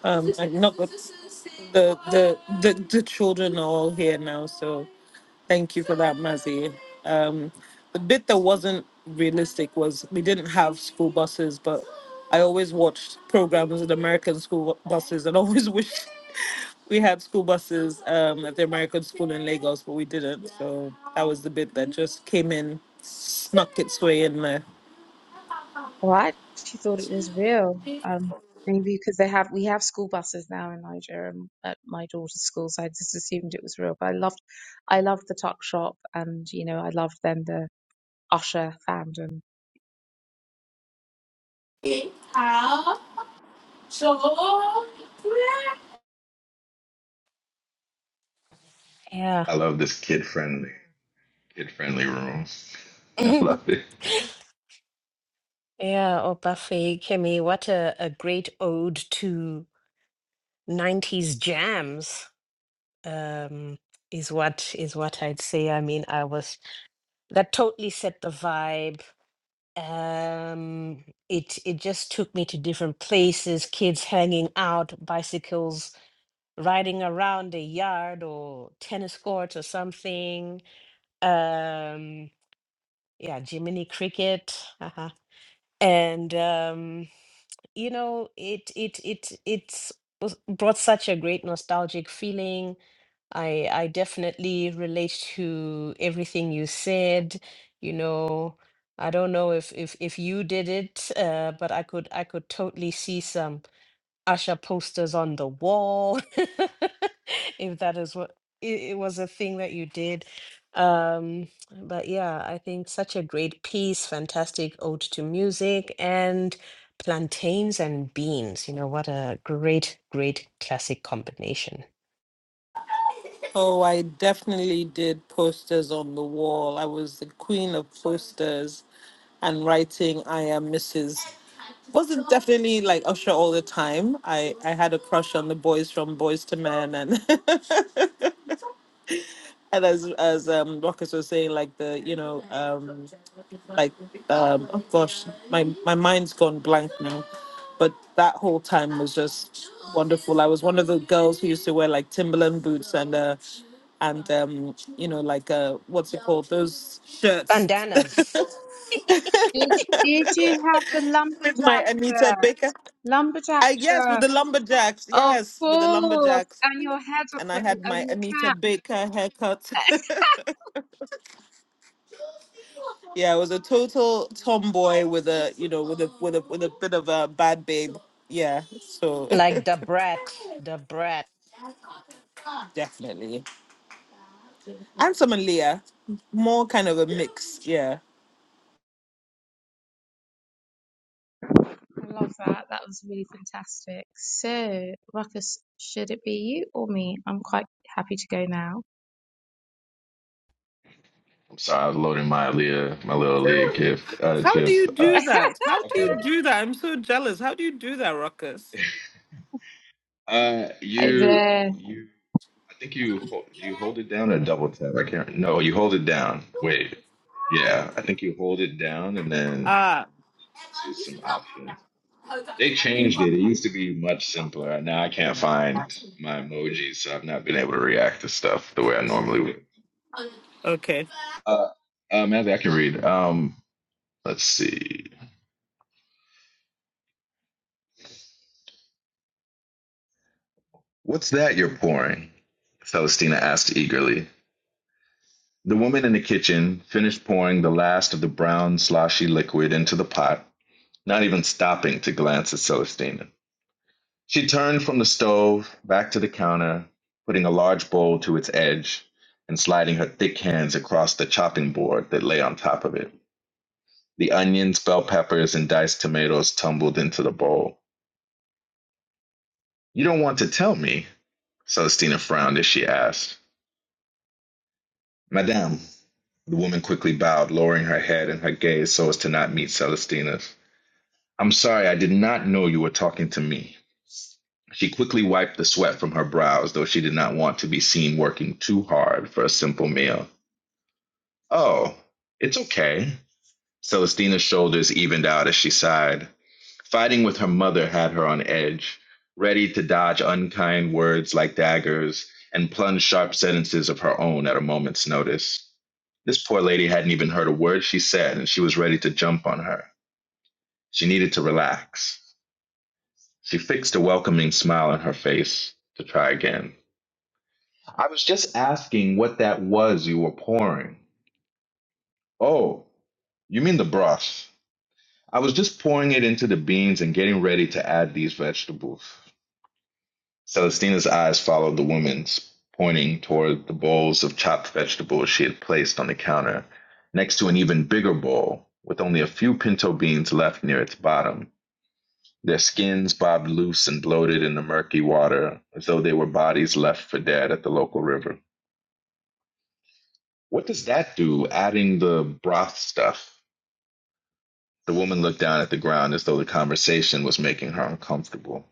Speaker 5: Um, i not got the the the the children are all here now, so thank you for that, Mazzy. Um, the bit that wasn't realistic was we didn't have school buses, but I always watched programs with American school buses and always (laughs) wished we had school buses um, at the American school in Lagos, but we didn't. So that was the bit that just came in, snuck its way in there.
Speaker 1: Well, I actually thought it was real. Um, maybe because they have, we have school buses now in Nigeria um, at my daughter's school. So I just assumed it was real, but I loved I loved the tuck shop and, you know, I loved then the Usher fandom.
Speaker 3: Yeah.
Speaker 4: I love this kid friendly, kid friendly room. (laughs) I
Speaker 3: (laughs)
Speaker 4: love it.
Speaker 3: Yeah, Opafe Kemi, what a, a great ode to 90s jams. um is what is what I'd say. I mean, I was that totally set the vibe. Um it it just took me to different places, kids hanging out, bicycles riding around a yard or tennis courts or something. Um yeah, Jiminy cricket. Uh-huh. And um you know, it it it it's was- brought such a great nostalgic feeling I I definitely relate to everything you said. You know, I don't know if if if you did it, uh, but I could I could totally see some Usher posters on the wall, (laughs) if that is what it, it was a thing that you did. Um, but yeah, I think such a great piece, fantastic ode to music and plantains and beans. You know, what a great, great classic combination.
Speaker 5: Oh, I definitely did posters on the wall. I was the queen of posters and writing I am Mrs. Wasn't definitely like Usher all the time. I, I had a crush on the boys from Boys to Men and (laughs) and as as um Rockets was saying, like the you know um like um oh gosh, my my mind's gone blank now, but that whole time was just wonderful. I was one of the girls who used to wear like Timberland boots and uh and um you know like uh what's it called those shirts (laughs)
Speaker 3: bandanas
Speaker 5: with
Speaker 1: Did did you have the
Speaker 5: my
Speaker 1: lumberjack
Speaker 5: Anita
Speaker 1: shirt?
Speaker 5: Baker.
Speaker 1: Lumberjack
Speaker 5: I yes with
Speaker 1: shirt.
Speaker 5: the lumberjacks
Speaker 1: Of
Speaker 5: yes with the
Speaker 1: course.
Speaker 5: lumberjacks
Speaker 1: And your head
Speaker 5: and I had
Speaker 1: and
Speaker 5: my
Speaker 1: your
Speaker 5: Anita
Speaker 1: cap.
Speaker 5: Baker haircut.
Speaker 1: (laughs) I
Speaker 5: (laughs) Yeah, I was a total tomboy with a you know with a with a with a bit of a bad babe. Yeah, so
Speaker 3: like the brat the brat
Speaker 5: (laughs) definitely. And some Leah, more kind of a mix. Yeah.
Speaker 1: love that. That was really fantastic. So, Ruckus, should it be you or me? I'm quite happy to go now.
Speaker 4: I'm sorry, I was loading my Aaliyah, my little Aaliyah gif, uh,
Speaker 5: How do
Speaker 4: gif.
Speaker 5: you
Speaker 1: (laughs)
Speaker 4: Uh,
Speaker 5: do that? How do
Speaker 4: okay.
Speaker 5: you do that? I'm so jealous. How do you do that, Ruckus?
Speaker 4: Uh,
Speaker 1: Hi
Speaker 4: you,
Speaker 1: there.
Speaker 4: you. I think you hold, you hold it down or double tap. I can't. No, you hold it down. Wait. Yeah, I think you hold it down and then
Speaker 5: Ah,
Speaker 4: choose some options. They changed it. It used to be much simpler. Now I can't find my emojis, so I've not been able to react to stuff the way I normally would.
Speaker 5: okay.
Speaker 4: Uh, um, as I can read. Um, let's see. What's that you're pouring? Celestina asked eagerly. The woman in the kitchen finished pouring the last of the brown, sloshy liquid into the pot, not even stopping to glance at Celestina. She turned from the stove back to the counter, putting a large bowl to its edge and sliding her thick hands across the chopping board that lay on top of it. The onions, bell peppers, and diced tomatoes tumbled into the bowl. You don't want to tell me? Celestina frowned as she asked. Madame, the woman quickly bowed, lowering her head and her gaze so as to not meet Celestina's. I'm sorry, I did not know you were talking to me. She quickly wiped the sweat from her brows, though she did not want to be seen working too hard for a simple meal. Oh, it's okay. Celestina's shoulders evened out as she sighed. Fighting with her mother had her on edge, ready to dodge unkind words like daggers and plunge sharp sentences of her own at a moment's notice. This poor lady hadn't even heard a word she said, and she was ready to jump on her. She needed to relax. She fixed a welcoming smile on her face to try again. I was just asking what that was you were pouring. Oh, you mean the broth. I was just pouring it into the beans and getting ready to add these vegetables. Celestina's eyes followed the woman's, pointing toward the bowls of chopped vegetables she had placed on the counter, next to an even bigger bowl with only a few pinto beans left near its bottom. Their skins bobbed loose and bloated in the murky water as though they were bodies left for dead at the local river. What does that do, adding the broth stuff? The woman looked down at the ground as though the conversation was making her uncomfortable.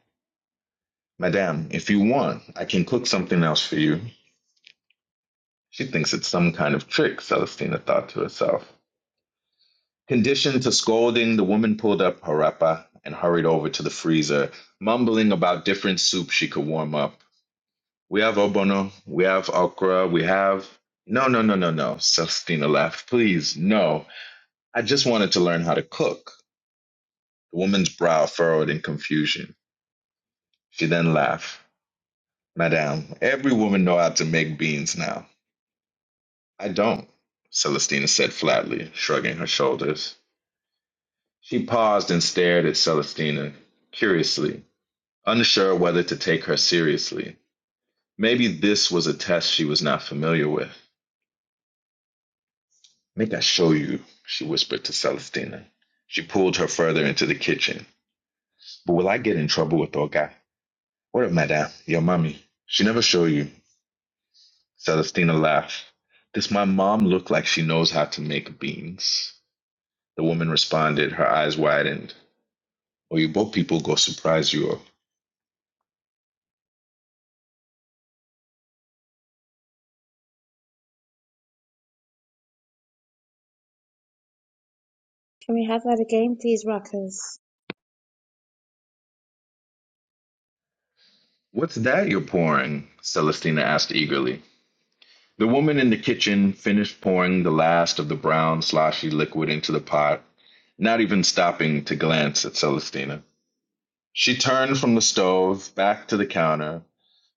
Speaker 4: Madame, if you want, I can cook something else for you. She thinks it's some kind of trick, Celestina thought to herself. Conditioned to scolding, the woman pulled up her wrapper and hurried over to the freezer, mumbling about different soups she could warm up. We have obono, we have okra, we have. No, no, no, no, no, Celestina laughed. Please, no. I just wanted to learn how to cook. The woman's brow furrowed in confusion. She then laughed. Madame, every woman know how to make beans now. I don't, Celestina said flatly, shrugging her shoulders. She paused and stared at Celestina, curiously, unsure whether to take her seriously. Maybe this was a test she was not familiar with. Make I show you, she whispered to Celestina. She pulled her further into the kitchen. But will I get in trouble with Olga? What if Madame? Your mommy. She never show you. Celestina laughed. Does my mom look like she knows how to make beans? The woman responded, her eyes widened. Or you both people go surprise you.
Speaker 1: Can we have that again, please, Ruckus?
Speaker 4: What's that you're pouring? Celestina asked eagerly. The woman in the kitchen finished pouring the last of the brown, sloshy liquid into the pot, not even stopping to glance at Celestina. She turned from the stove back to the counter,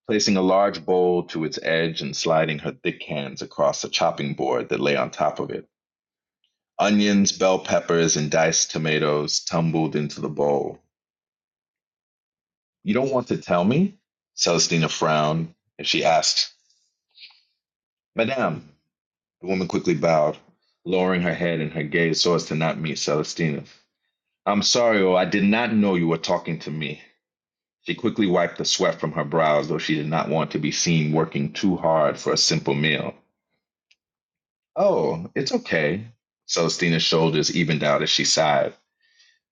Speaker 4: placing a large bowl to its edge and sliding her thick hands across a chopping board that lay on top of it. Onions, bell peppers, and diced tomatoes tumbled into the bowl. You don't want to tell me? Celestina frowned as she asked, Madame. The woman quickly bowed, lowering her head and her gaze so as to not meet Celestina's. I'm sorry, oh, I did not know you were talking to me. She quickly wiped the sweat from her brows, though she did not want to be seen working too hard for a simple meal. Oh, it's okay. Celestina's shoulders evened out as she sighed.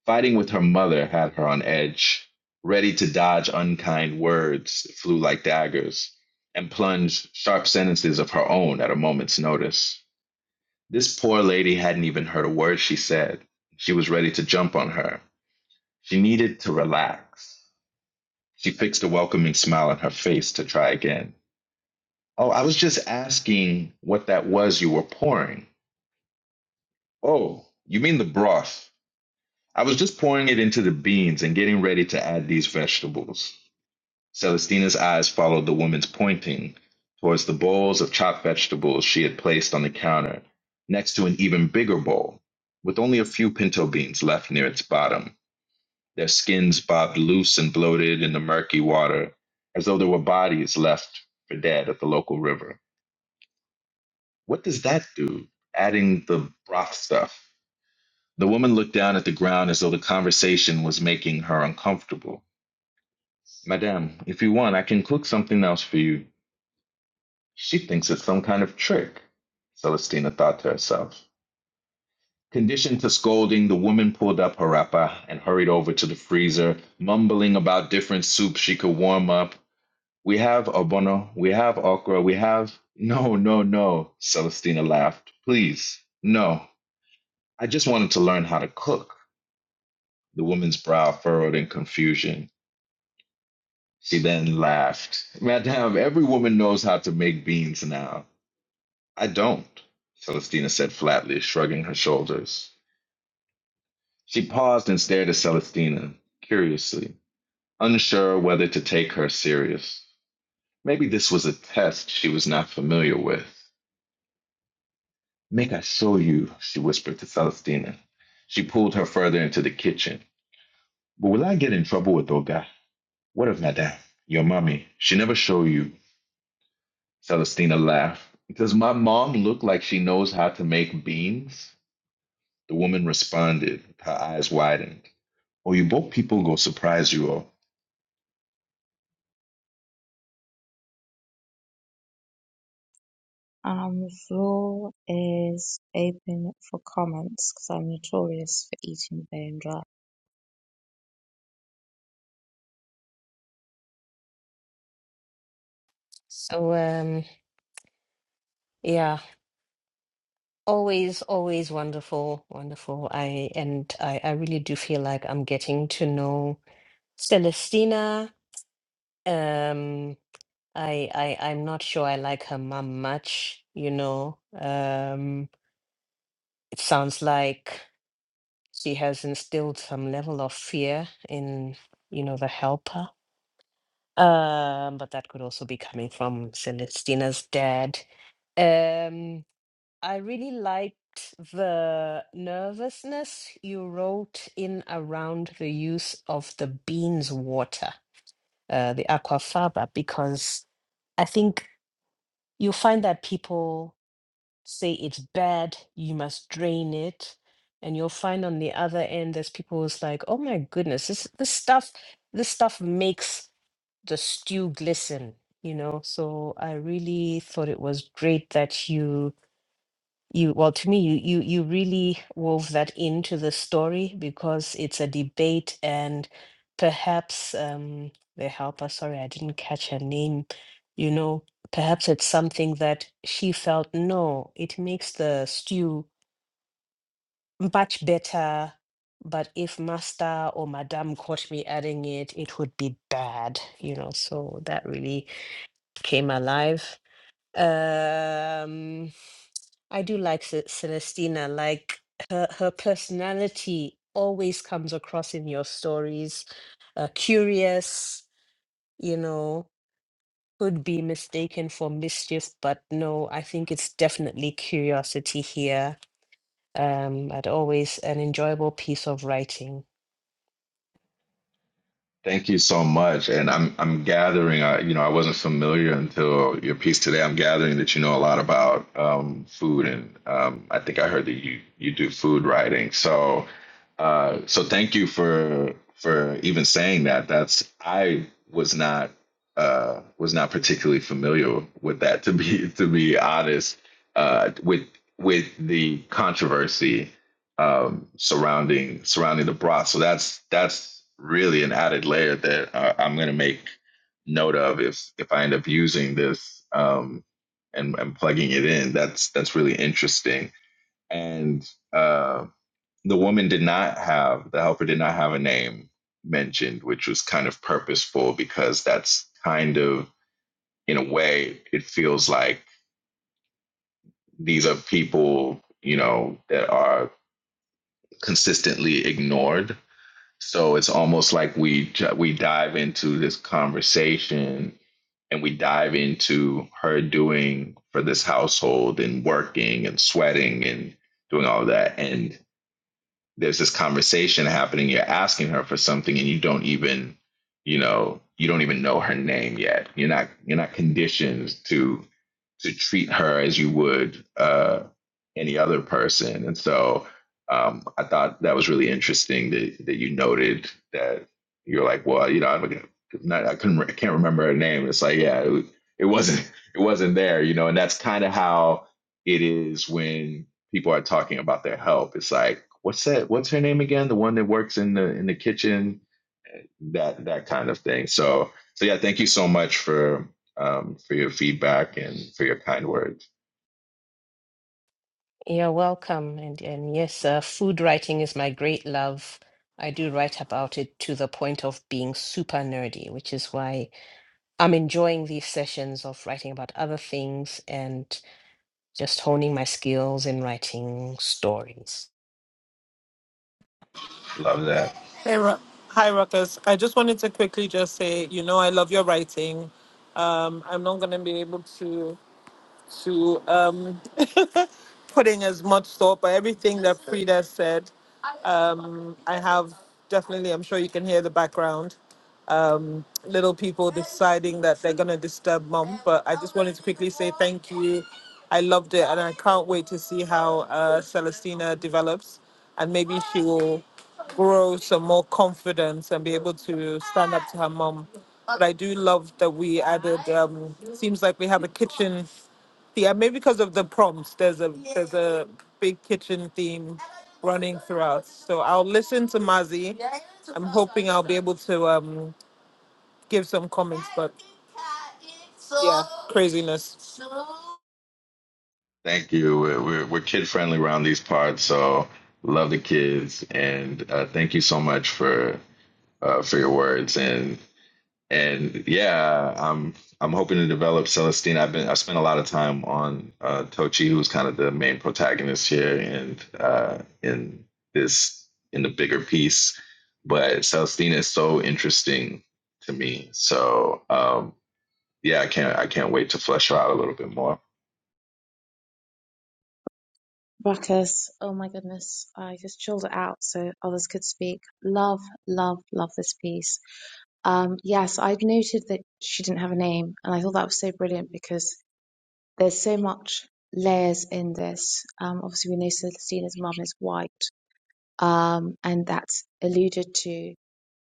Speaker 4: Fighting with her mother had her on edge, ready to dodge unkind words that flew like daggers and plunge sharp sentences of her own at a moment's notice. This poor lady hadn't even heard a word she said. She was ready to jump on her. She needed to relax. She fixed a welcoming smile on her face to try again. Oh, I was just asking what that was you were pouring. Oh, you mean the broth. I was just pouring it into the beans and getting ready to add these vegetables. Celestina's eyes followed the woman's pointing towards the bowls of chopped vegetables she had placed on the counter, next to an even bigger bowl, with only a few pinto beans left near its bottom, their skins bobbed loose and bloated in the murky water, as though there were bodies left for dead at the local river. What does that do? Adding the broth stuff. The woman looked down at the ground as though the conversation was making her uncomfortable. Madame, if you want, I can cook something else for you. She thinks it's some kind of trick, Celestina thought to herself. Conditioned to scolding, the woman pulled up her wrapper and hurried over to the freezer, mumbling about different soups she could warm up. We have obono, we have okra, we have. No, no, no, Celestina laughed. Please, no. I just wanted to learn how to cook. The woman's brow furrowed in confusion. She then laughed. Madame, every woman knows how to make beans now. I don't, Celestina said flatly, shrugging her shoulders. She paused and stared at Celestina, curiously, unsure whether to take her serious. Maybe this was a test she was not familiar with. Make I show you, she whispered to Celestina. She pulled her further into the kitchen. But will I get in trouble with Oga? What of Madame? Your mommy. She never show you. Celestina laughed. Does my mom look like she knows how to make beans? The woman responded, her eyes widened. Well, you both people go surprise you all.
Speaker 1: Um, the floor is open for comments because I'm notorious for eating bone dry.
Speaker 3: so um yeah always always wonderful wonderful i and i i really do feel like i'm getting to know celestina um i i i'm not sure i like her mom much you know um it sounds like she has instilled some level of fear in you know the helper um but that could also be coming from celestina's dad Um, I really liked the nervousness you wrote in around the use of the beans water, uh, the aquafaba, because I think you'll find that people say it's bad, you must drain it. And you'll find on the other end, there's people who's like, oh my goodness, this this stuff, this stuff makes the stew glisten, you know? So I really thought it was great that you you well to me you you you really wove that into the story because it's a debate and perhaps um the helper sorry I didn't catch her name you know perhaps it's something that she felt no it makes the stew much better but if master or madame caught me adding it it would be bad you know so that really came alive um, I do like Ce- Celestina. Like her, her personality always comes across in your stories. Uh, curious, you know, could be mistaken for mischief, but no, I think it's definitely curiosity here. Um, and always an enjoyable piece of writing.
Speaker 4: Thank you so much. And I'm I'm gathering. I you know I wasn't familiar until your piece today. I'm gathering that you know a lot about um, food, and um, I think I heard that you you do food writing. So uh, so thank you for for even saying that. That's I was not uh, was not particularly familiar with that to be to be honest uh, with with the controversy um, surrounding surrounding the broth. So that's that's really an added layer that uh, I'm going to make note of if if I end up using this um, and and plugging it in. That's that's really interesting. And uh, the woman did not have the helper did not have a name mentioned, which was kind of purposeful because that's kind of in a way it feels like these are people you know that are consistently ignored So it's almost like we j- we dive into this conversation and we dive into her doing for this household and working and sweating and doing all that. And there's this conversation happening you're asking her for something and you don't even you know you don't even know her name yet you're not you're not conditioned to to treat her as you would uh any other person and so um i thought that was really interesting that that you noted that you're like well you know i'm not, i couldn't I can't remember her name it's like yeah it, it wasn't it wasn't there you know and that's kind of how it is when people are talking about their help. It's like what's that? What's her name again? The one that works in the in the kitchen, that that kind of thing. So so yeah, thank you so much for um, for your feedback and for your kind words.
Speaker 3: You're welcome. And, and yes, uh, food writing is my great love. I do write about it to the point of being super nerdy, which is why I'm enjoying these sessions of writing about other things and just honing my skills in writing stories.
Speaker 4: Love that.
Speaker 5: Hey, Ru- hi, Ruckus. I just wanted to quickly just say, you know, I love your writing. Um, I'm not gonna be able to. to um, (laughs) putting as much thought by everything that Frida said. Um, I have definitely, I'm sure you can hear the background. Um, little people deciding that they're going to disturb mom, but I just wanted to quickly say thank you. I loved it, and I can't wait to see how uh, Celestina develops, and maybe she will grow some more confidence and be able to stand up to her mom. But I do love that we added. Um, seems like we have a kitchen yeah, maybe because of the prompts, there's a there's a big kitchen theme running throughout. So I'll listen to Mazi. I'm hoping I'll be able to um give some comments, but yeah, craziness.
Speaker 4: Thank you. We're we're, we're kid friendly around these parts, so love the kids and uh, thank you so much for uh, for your words and and yeah, I'm I'm hoping to develop Celestine. I've been I spent a lot of time on uh, Tochi, who's kind of the main protagonist here, and uh, in this in the bigger piece. But Celestine is so interesting to me. So um, yeah, I can't I can't wait to flesh her out a little bit more.
Speaker 1: Ruckus. Oh my goodness. I just chilled it out so others could speak. Love, love, love this piece. Um, yes, I'd noted that she didn't have a name, and I thought that was so brilliant because there's so much layers in this. Um, obviously, we know Celestina's mum is white, um, and that's alluded to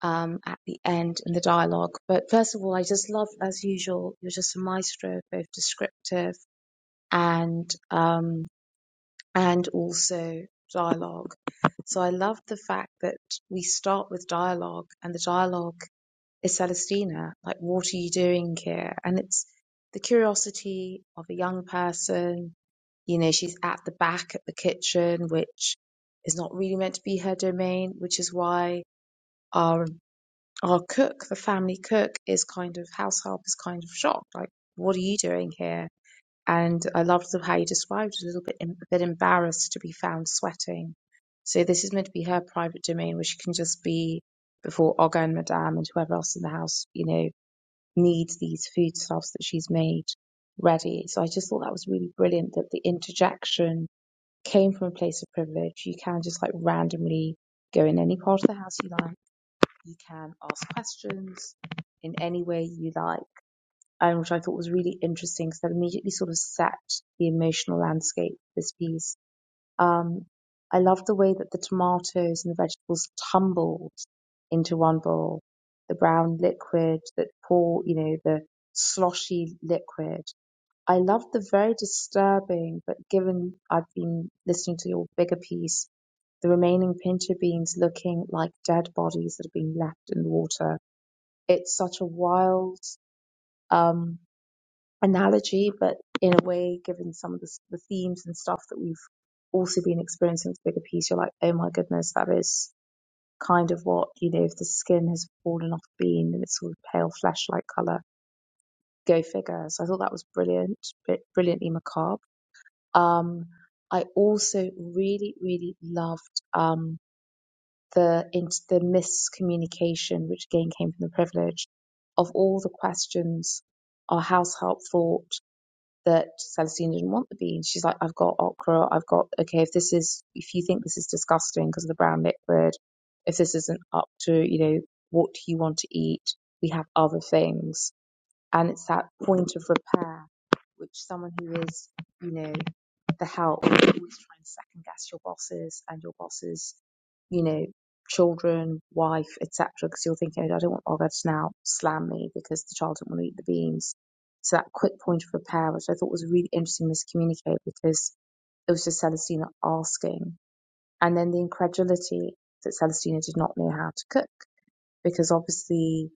Speaker 1: um, at the end in the dialogue. But first of all, I just love, as usual, you're just a maestro, both descriptive and um, and also dialogue. So I love the fact that we start with dialogue, and the dialogue is Celestina. Like, what are you doing here? And it's the curiosity of a young person. You know, she's at the back at the kitchen, which is not really meant to be her domain, which is why our our cook, the family cook, is kind of house help is kind of shocked. Like, what are you doing here? and I loved the, how you described a little bit em- a bit embarrassed to be found sweating. So this is meant to be her private domain where she can just be before Olga and Madame and whoever else in the house, you know, needs these foodstuffs that she's made ready. So I just thought that was really brilliant that the interjection came from a place of privilege. You can just like randomly go in any part of the house you like. You can ask questions in any way you like um, which I thought was really interesting because that immediately sort of set the emotional landscape of this piece. Um, I love the way that the tomatoes and the vegetables tumbled into one bowl, the brown liquid that pour, you know, the sloshy liquid. I love the very disturbing, but given I've been listening to your bigger piece, the remaining pinto beans looking like dead bodies that have been left in the water. It's such a wild, um, analogy, but in a way, given some of the, s- the themes and stuff that we've also been experiencing with bigger piece, you're like, oh my goodness, that is kind of what, you know, if the skin has fallen off bean and it's sort of pale flesh like colour, go figure. So I thought that was brilliant, bri- brilliantly macabre. Um, I also really, really loved um, the in, the miscommunication, which again came from the privilege of all the questions our house help thought that Celestine didn't want the beans. She's like, I've got okra, I've got, okay, if this is, if you think this is disgusting because of the brown liquid, if this isn't up to, you know, what you want to eat, we have other things and it's that point of repair which someone who is you know the help always trying to second guess your bosses and your bosses you know children wife etc because you're thinking "Oh, i don't want olga to now slam me because the child didn't want to eat the beans so that quick point of repair which i thought was really interesting to communicate, because it was just celestina asking and then the incredulity that celestina did not know how to cook because obviously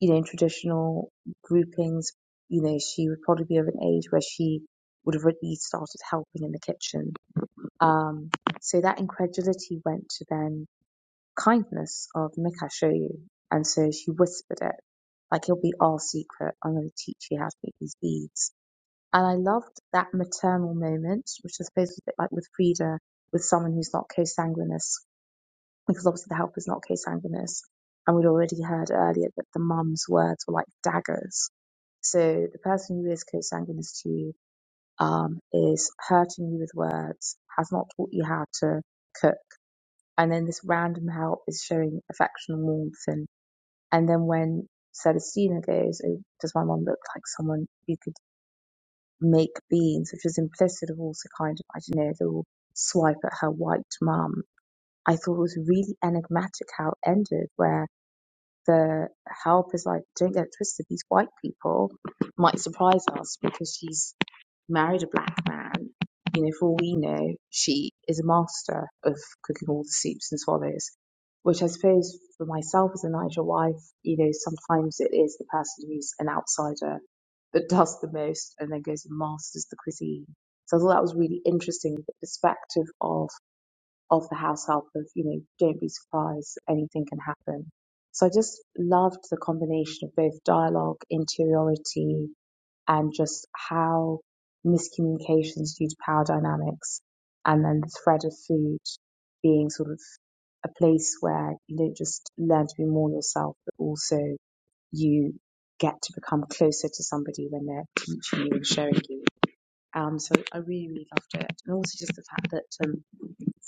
Speaker 1: you know, in traditional groupings, you know, she would probably be of an age where she would have really started helping in the kitchen. Um, so that incredulity went to then kindness of Mick, I show you. And so she whispered it, like it'll be our secret. I'm going to teach you how to make these beads. And I loved that maternal moment, which I suppose was a bit like with Frida, with someone who's not consanguineous, because obviously the helper's not consanguineous. And we'd already heard earlier that the mum's words were like daggers so the person who is co-sanguineous to you um, is hurting you with words, has not taught you how to cook, and then this random help is showing affection and warmth. And and then when Celestina goes, oh, does my mom look like someone who could make beans? Which is implicit of also kind of I don't know the little swipe at her white mum. I thought it was really enigmatic how it ended, where the help is like, don't get it twisted, these white people might surprise us because she's married a black man, you know, for all we know, she is a master of cooking all the soups and swallows. Which I suppose for myself as a Nigel wife, you know, sometimes it is the person who's an outsider that (laughs) does the most and then goes and masters the cuisine. So I thought that was really interesting, the perspective of of the house help of, you know, don't be surprised, anything can happen. So I just loved the combination of both dialogue, interiority, and just how miscommunications due to power dynamics and then the thread of food being sort of a place where you don't just learn to be more yourself, but also you get to become closer to somebody when they're teaching you and showing you. Um, so I really, really loved it. And also just the fact that um,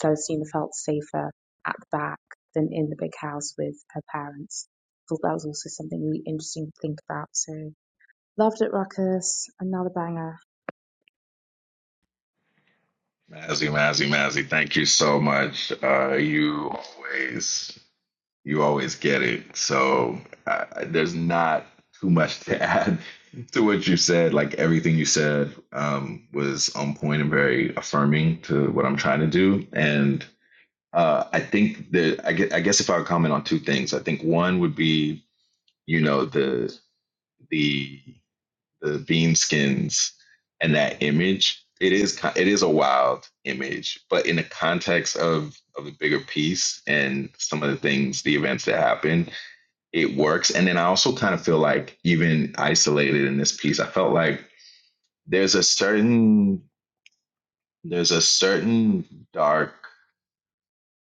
Speaker 1: Celestina felt safer at the back than in the big house with her parents. I thought that was also something really interesting to think about. So loved it, Ruckus. Another banger.
Speaker 4: Mazzy, Mazzy, Mazzy, thank you so much. Uh, you always you always get it. So uh, there's not too much to add (laughs) to what you said. Like everything you said um, was on point and very affirming to what I'm trying to do. And uh, I think that I guess, I guess if I would comment on two things, I think one would be you know the the the bean skins and that image. It is it is a wild image, but in the context of of the bigger piece and some of the things, the events that happened, it works. And then I also kind of feel like even isolated in this piece, I felt like there's a certain there's a certain dark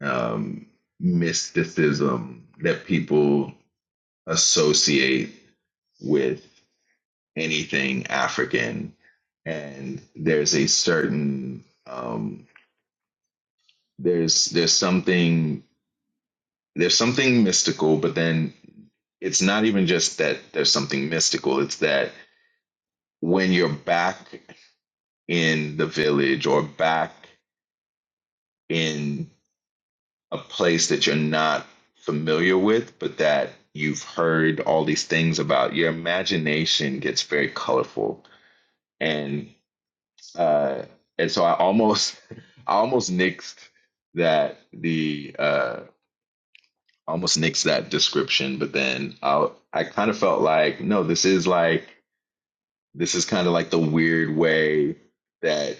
Speaker 4: um, mysticism that people associate with anything African, and there's a certain um, there's there's something there's something mystical, but then it's not even just that there's something mystical. It's that when you're back in the village or back in a place that you're not familiar with, but that you've heard all these things about, your imagination gets very colorful. And uh, and so I almost (laughs) I almost nixed that the uh, almost nixed that description, but then I I kind of felt like no, this is like This is kind of like the weird way that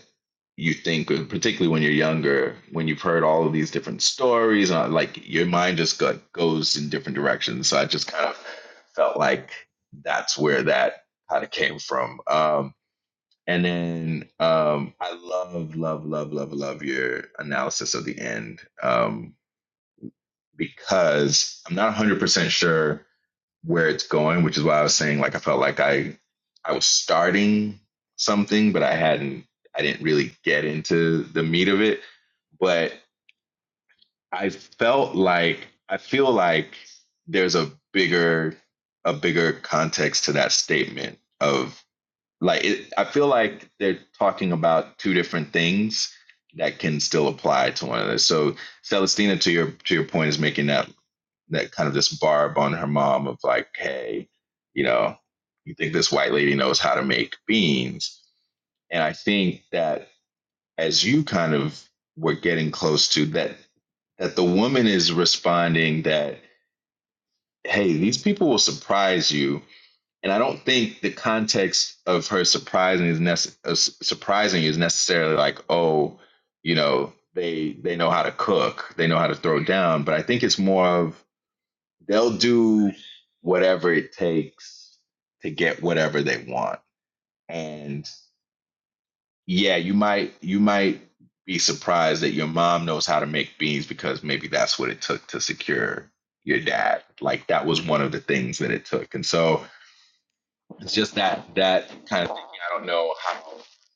Speaker 4: you think, particularly when you're younger, when you've heard all of these different stories, and uh, like your mind just got, goes in different directions. So I just kind of felt like that's where that kind of came from. Um, and then um, I love, love, love, love, love your analysis of the end um, because I'm not 100% sure where it's going, which is why I was saying like I felt like I I was starting something, but I hadn't I didn't really get into the meat of it. But I felt like I feel like there's a bigger a bigger context to that statement of like it, I feel like they're talking about two different things that can still apply to one another. So Celestina, to your to your point, is making that that kind of this barb on her mom of like, hey, you know, you think this white lady knows how to make beans. And I think that as you kind of were getting close to that, that the woman is responding that, hey, these people will surprise you. And I don't think the context of her surprising is nece- uh, surprising is necessarily like, oh, you know, they they know how to cook, they know how to throw down. But I think it's more of they'll do whatever it takes to get whatever they want. And yeah, you might you might be surprised that your mom knows how to make beans because maybe that's what it took to secure your dad. Like that was one of the things that it took. And so it's just that that kind of thinking. I don't know how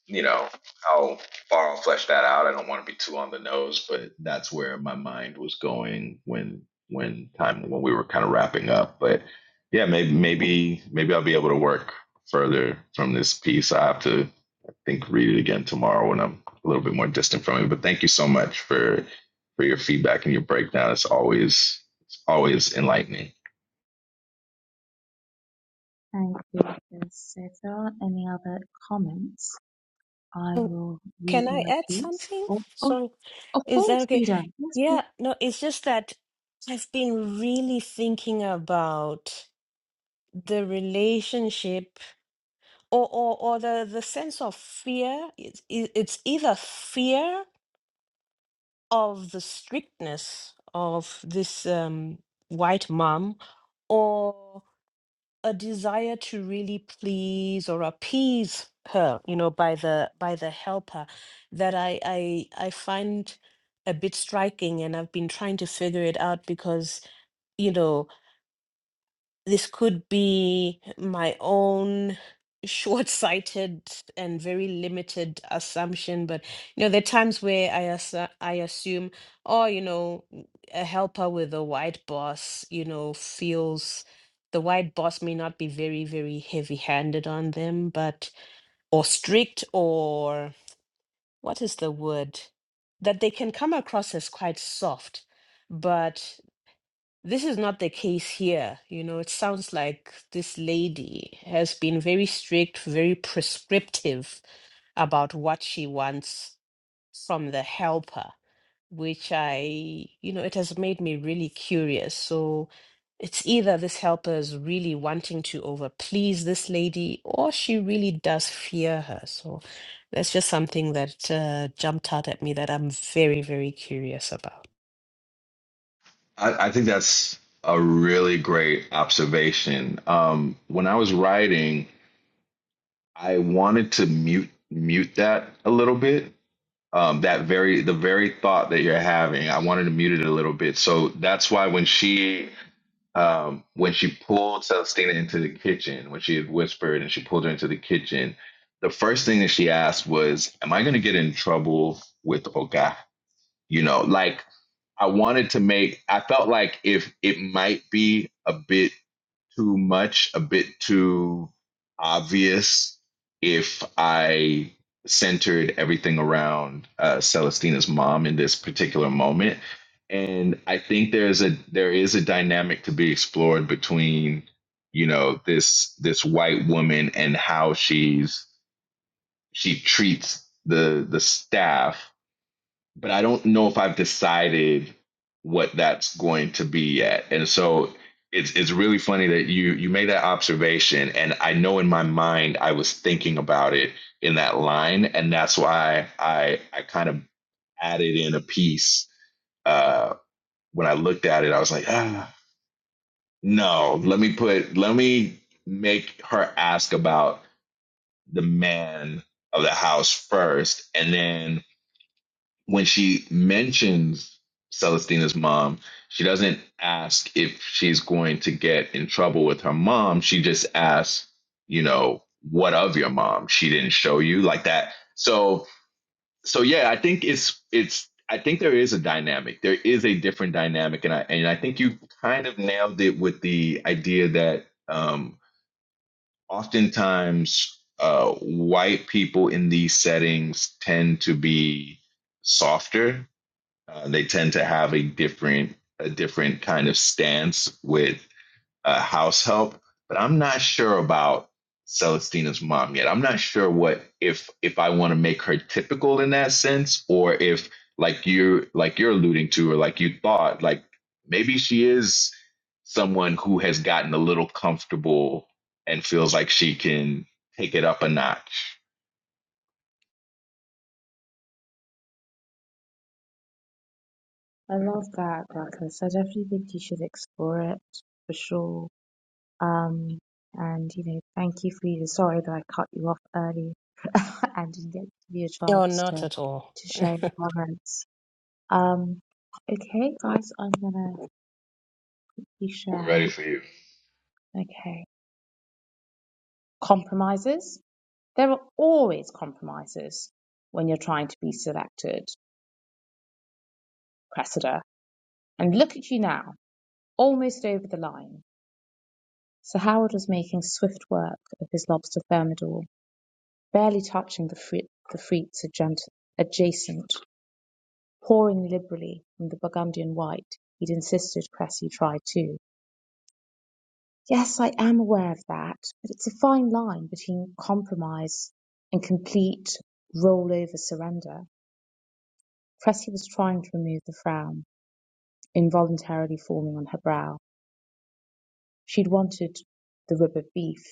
Speaker 4: you know how far I'll flesh that out. I don't want to be too on the nose, but that's where my mind was going when when time when we were kind of wrapping up. But yeah, maybe maybe maybe I'll be able to work further from this piece. I have to I think read it again tomorrow when I'm a little bit more distant from it. But thank you so much for for your feedback and your breakdown. It's always it's always enlightening.
Speaker 1: And if there's ever any other comments, I
Speaker 3: Oh,
Speaker 1: will read
Speaker 3: Can I
Speaker 1: my
Speaker 3: add
Speaker 1: piece.
Speaker 3: something?
Speaker 1: Oh, oh,
Speaker 3: Sorry,
Speaker 1: of
Speaker 3: is that
Speaker 1: course,
Speaker 3: okay?
Speaker 1: Frida. Yes, please.
Speaker 3: Yeah, no, it's just that I've been really thinking about the relationship. or or or the the sense of fear it's, e- it's either fear of the strictness of this um, white mom or a desire to really please or appease her you know by the by the helper that i i i find a bit striking and i've been trying to figure it out because you know. this could be my own (laughs) short-sighted and very limited assumption but you know there are times where i assu- i assume oh you know w- a helper with a white boss you know feels the white boss may not be very very heavy-handed on them but or strict or what is the word that they can come across as quite soft but this is not the case here. You know, it sounds like this lady has been very strict, very prescriptive about what she wants from the helper, which I, you know, it has made me really curious. So it's either this helper is really wanting to overplease this lady or she really does fear her. So that's just something that uh, jumped out at me that I'm very, very curious about.
Speaker 4: I, I think that's a really great observation. Um, when I was writing, I wanted to mute mute that a little bit. Um, that very the very thought that you're having, I wanted to mute it a little bit. So that's why when she um, when she pulled Celestina into the kitchen, when she had whispered and she pulled her into the kitchen, the first thing that she asked was, "Am I going to get in trouble with Oga?" You know, like I wanted to make I felt like if it might be a bit too much, a bit too obvious if I centered everything around uh, Celestina's mom in this particular moment. And I think there's a there is a dynamic to be explored between, you know, this this white woman and how she's she treats the the staff but I don't know if I've decided what that's going to be yet. And so it's it's really funny that you you made that observation and I know in my mind I was thinking about it in that line and that's why I I kind of added in a piece uh when I looked at it I was like ah no let me put let me make her ask about the man of the house first and then when she mentions Celestina's mom, she doesn't ask if she's going to get in trouble with her mom. She just asks, you know, what of your mom? She didn't show you like that. So, so yeah, I think it's it's I think there is a dynamic. There is a different dynamic, and I and I think you kind of nailed it with the idea that um, oftentimes uh, white people in these settings tend to be softer uh, they tend to have a different a different kind of stance with uh, house help. But I'm not sure about Celestina's mom yet. I'm not sure what if if I want to make her typical in that sense, or if like you like you're alluding to, or like you thought, like maybe she is someone who has gotten a little comfortable and feels like she can take it up a notch.
Speaker 1: I love that, Ruckus. I definitely think you should explore it for sure. Um, and you know, thank you for Sorry that I cut you off early (laughs) and didn't get to give you a
Speaker 3: No,
Speaker 1: chance
Speaker 3: not
Speaker 1: to
Speaker 3: at all.
Speaker 1: to share your
Speaker 3: (laughs)
Speaker 1: comments. Um, okay, guys, I'm gonna quickly
Speaker 4: We're
Speaker 1: share.
Speaker 4: ready for you.
Speaker 1: Okay, compromises. There are always compromises when you're trying to be selected, Cressida, and look at you now, almost over the line. Sir Howard was making swift work of his lobster thermidor, barely touching the, fri- the frites adjun- adjacent, pouring liberally from the Burgundian white he'd insisted Cressy try too. Yes, I am aware of that, but it's a fine line between compromise and complete roll-over surrender. Cressy was trying to remove the frown involuntarily forming on her brow. She'd wanted the rib of beef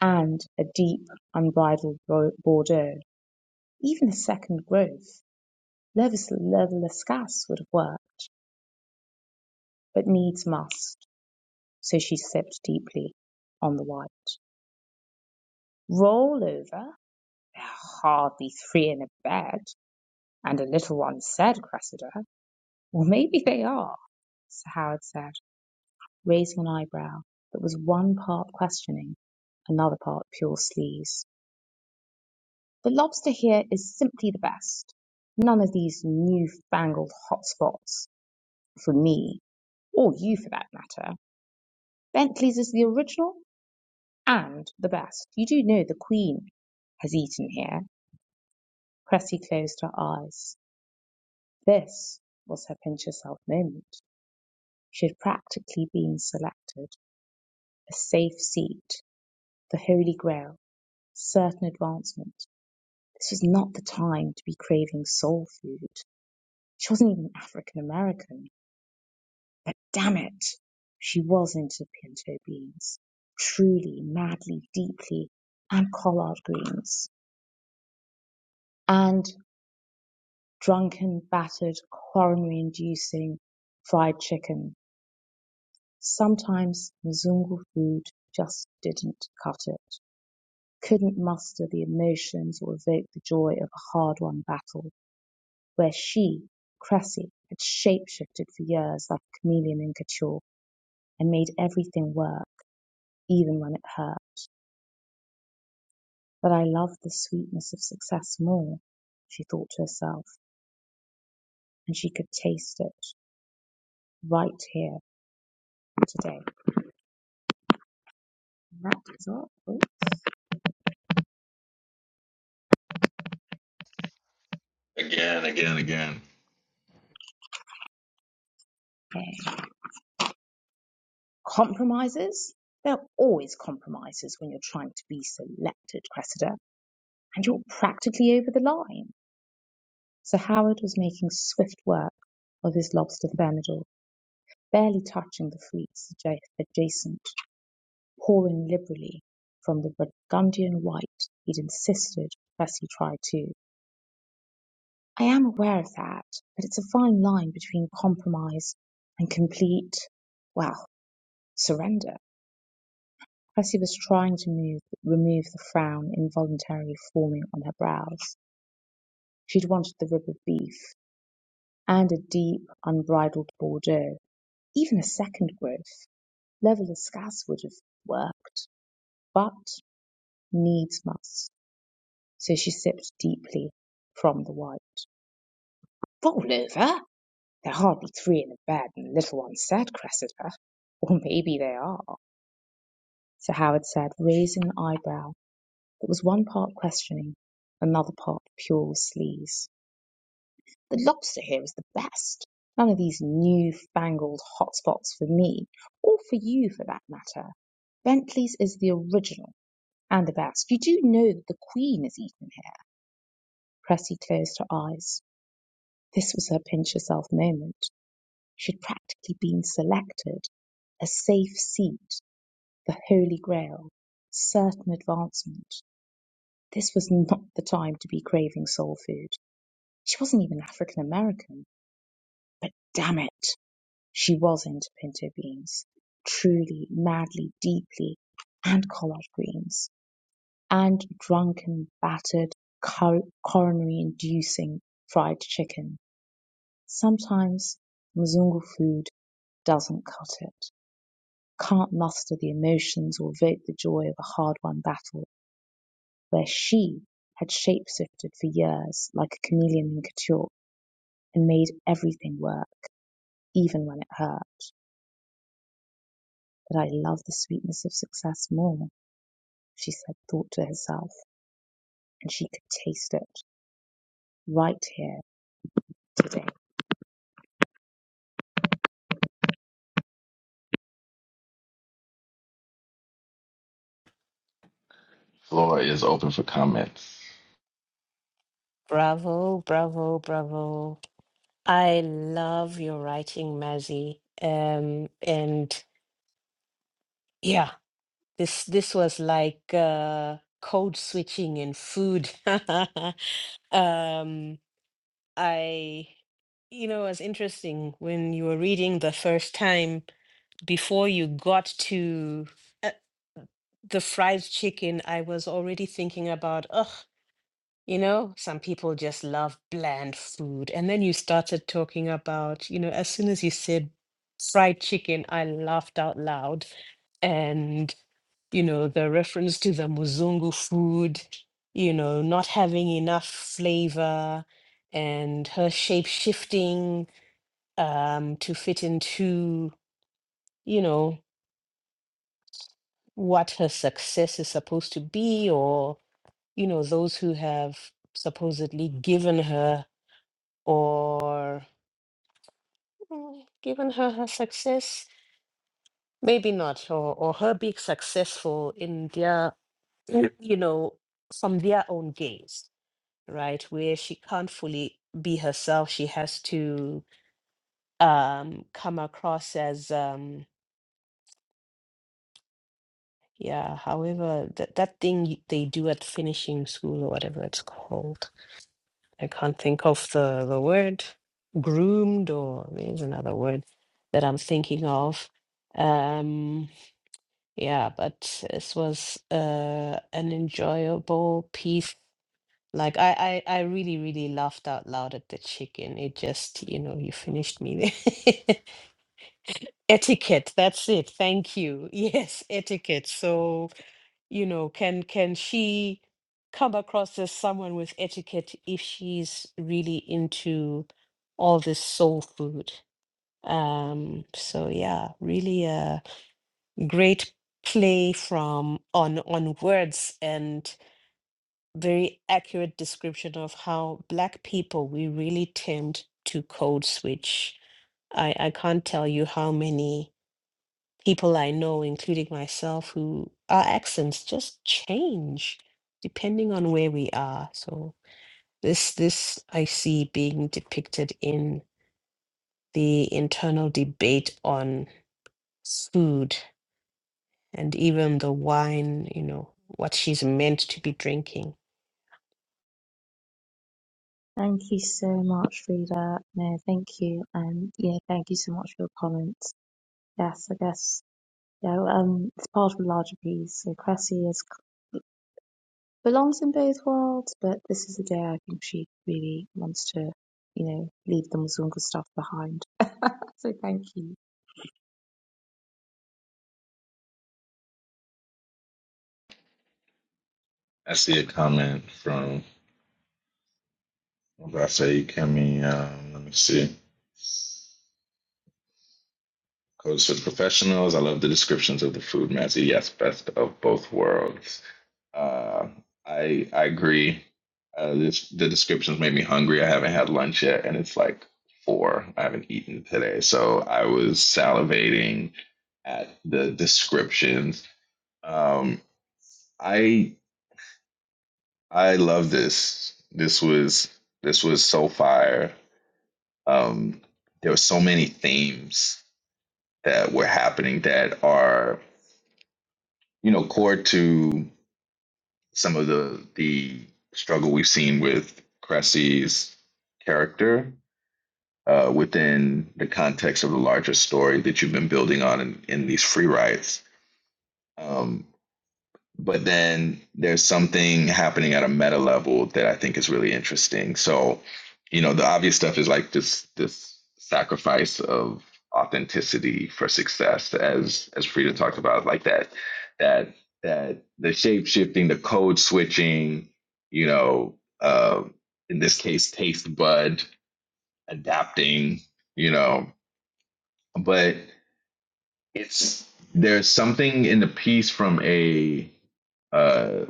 Speaker 1: and a deep, unbridled Bordeaux. Even a second growth, Levis Lascasse would have worked, but needs must. So she sipped deeply on the white. Roll over? hardly three in a bed, and a little one said, Cressida. Well, maybe they are, Sir Howard said, raising an eyebrow that was one part questioning, another part pure sleaze. The lobster here is simply the best. None of these newfangled hotspots for me, or you for that matter. Bentley's is the original and the best. You do know the Queen has eaten here. Cressy closed her eyes. This was her pinch yourself moment. She had practically been selected. A safe seat, the holy grail, certain advancement. This was not the time to be craving soul food. She wasn't even African American. But damn it, she was into pinto beans, truly, madly, deeply, and collard greens, and drunken, battered, coronary-inducing fried chicken. Sometimes Mzungu food just didn't cut it, couldn't muster the emotions or evoke the joy of a hard-won battle, where she, Cressy, had shape-shifted for years like a chameleon in couture, and made everything work, even when it hurt. But I love the sweetness of success more, she thought to herself, and she could taste it right here today. And That is what oops,
Speaker 4: Again, again, again.
Speaker 1: okay. Compromises? There are always compromises when you're trying to be selected, Cressida, and you're practically over the line. Sir Howard was making swift work of his lobster thermidor, barely touching the fleets adjacent, pouring liberally from the Burgundian white he'd insisted Cressy tried too. I am aware of that, but it's a fine line between compromise and complete, well, surrender. Cressy was trying to move, remove the frown involuntarily forming on her brows. She'd wanted the rib of beef and a deep, unbridled Bordeaux. Even a second growth, level as Scass would have worked, but needs must. So she sipped deeply from the wine. Roll over? There are hardly three in the bed, and the little one said, Cressida." (laughs) "Or maybe they are," Sir Howard said, raising an eyebrow that was one part questioning, another part pure sleaze. "The lobster here is the best. None of these new fangled hot spots for me, or for you for that matter. Bentley's is the original, and the best. You do know that the Queen is eaten here?" Cressy closed her eyes. This was her pinch yourself moment. should practically be selected a safe seat, the holy grail, certain advancement. This was not the time to be craving soul food. She wasn't even African American, but damn it, she was into pinto beans. Truly, madly, deeply, and collard greens, and drunken, battered, coronary inducing fried chicken. Sometimes Mzungu food doesn't cut it. can't muster the emotions or evoke the joy of a hard-won battle, where she had shape-shifted for years like a chameleon in couture and made everything work, even when it hurt. But I love the sweetness of success more, she said, thought to herself, and she could taste it right here today.
Speaker 4: Floor is open for comments.
Speaker 3: Bravo, bravo, bravo. I love your writing, Mazzy. Um, and yeah, this this was like uh code switching in food. (laughs) Um, I, you know, it was interesting when you were reading the first time before you got to uh, the fried chicken, I was already thinking about, ugh. You know, some people just love bland food. And then you started talking about, you know, as soon as you said fried chicken, I laughed out loud. And, you know, the reference to the Muzungu food, you know, not having enough flavor and her shape shifting um, to fit into, you know, what her success is supposed to be, or, you know, those who have supposedly given her. or mm, given her her success, maybe not, or, or her being successful in their, Yeah. you know, from their own gaze, right? Where she can't fully be herself. She has to um, come across as, um, yeah, however, that, that thing y- they do at finishing school or whatever it's called. I can't think of the, the word. Groomed, or there's another word that I'm thinking of. Um, Yeah, but this was uh, an enjoyable piece. Like I, I, I really, really laughed out loud at the chicken. It just, you know, you finished me there. (laughs) Etiquette, that's it. Thank you. (laughs) Yes, etiquette. So, you know, can can she come across as someone with etiquette if she's really into all this soul food? Um, so yeah, really Uh great play from on on words and very accurate description of how black people we really tend to code switch i i can't tell you how many people i know including myself who our accents just change depending on where we are so this this i see being depicted in the internal debate on food and even the wine, you know, what she's meant to be drinking.
Speaker 1: Thank you so much, Frida. No, thank you. And yeah, thank you so much for your comments. Yes, I guess yeah, um, it's part of a larger piece. So Cressy is belongs in both worlds, but this is the day I think she really wants to, you know, leave the Muzungu stuff behind. So thank you.
Speaker 4: I see a comment from Obafemi Kemi. Um, let me see. Codes for professionals. I love the descriptions of the food match. Yes, best of both worlds. Uh, I I agree. Uh, this, the descriptions made me hungry. I haven't had lunch yet, and it's like four. I haven't eaten today, so I was salivating at the descriptions. Um, I I love this. This was this was so fire. um, there were so many themes that were happening that are you know core to some of the the struggle we've seen with Cressy's character uh, within the context of the larger story that you've been building on in, in these free rides. Um, but then there's something happening at a meta level that I think is really interesting. So, you know, the obvious stuff is like this this sacrifice of authenticity for success, as as Frida talked about, like that that that the shape shifting, the code switching, you know, uh, in this case, taste bud adapting, you know, but it's there's something in the piece from a uh,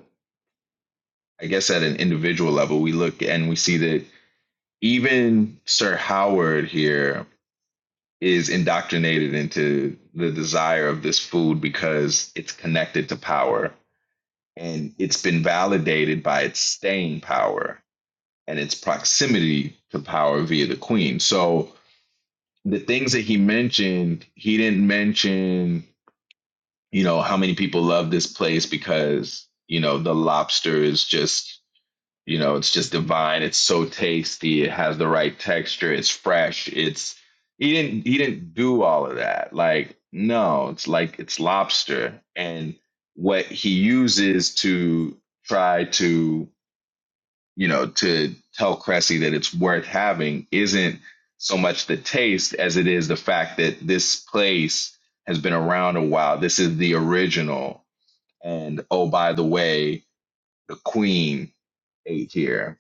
Speaker 4: I guess at an individual level, we look and we see that even Sir Howard here is indoctrinated into the desire of this food because it's connected to power and it's been validated by its staying power and its proximity to power via the queen. So the things that he mentioned, he didn't mention, you know, how many people love this place because, you know, the lobster is just You know, it's just divine. It's so tasty. It has the right texture. It's fresh. It's he didn't he didn't do all of that. Like no, it's like it's lobster and what he uses to try to, you know, to tell Cressy that it's worth having isn't so much the taste as it is the fact that this place has been around a while. This is the original and oh by the way, the queen ate here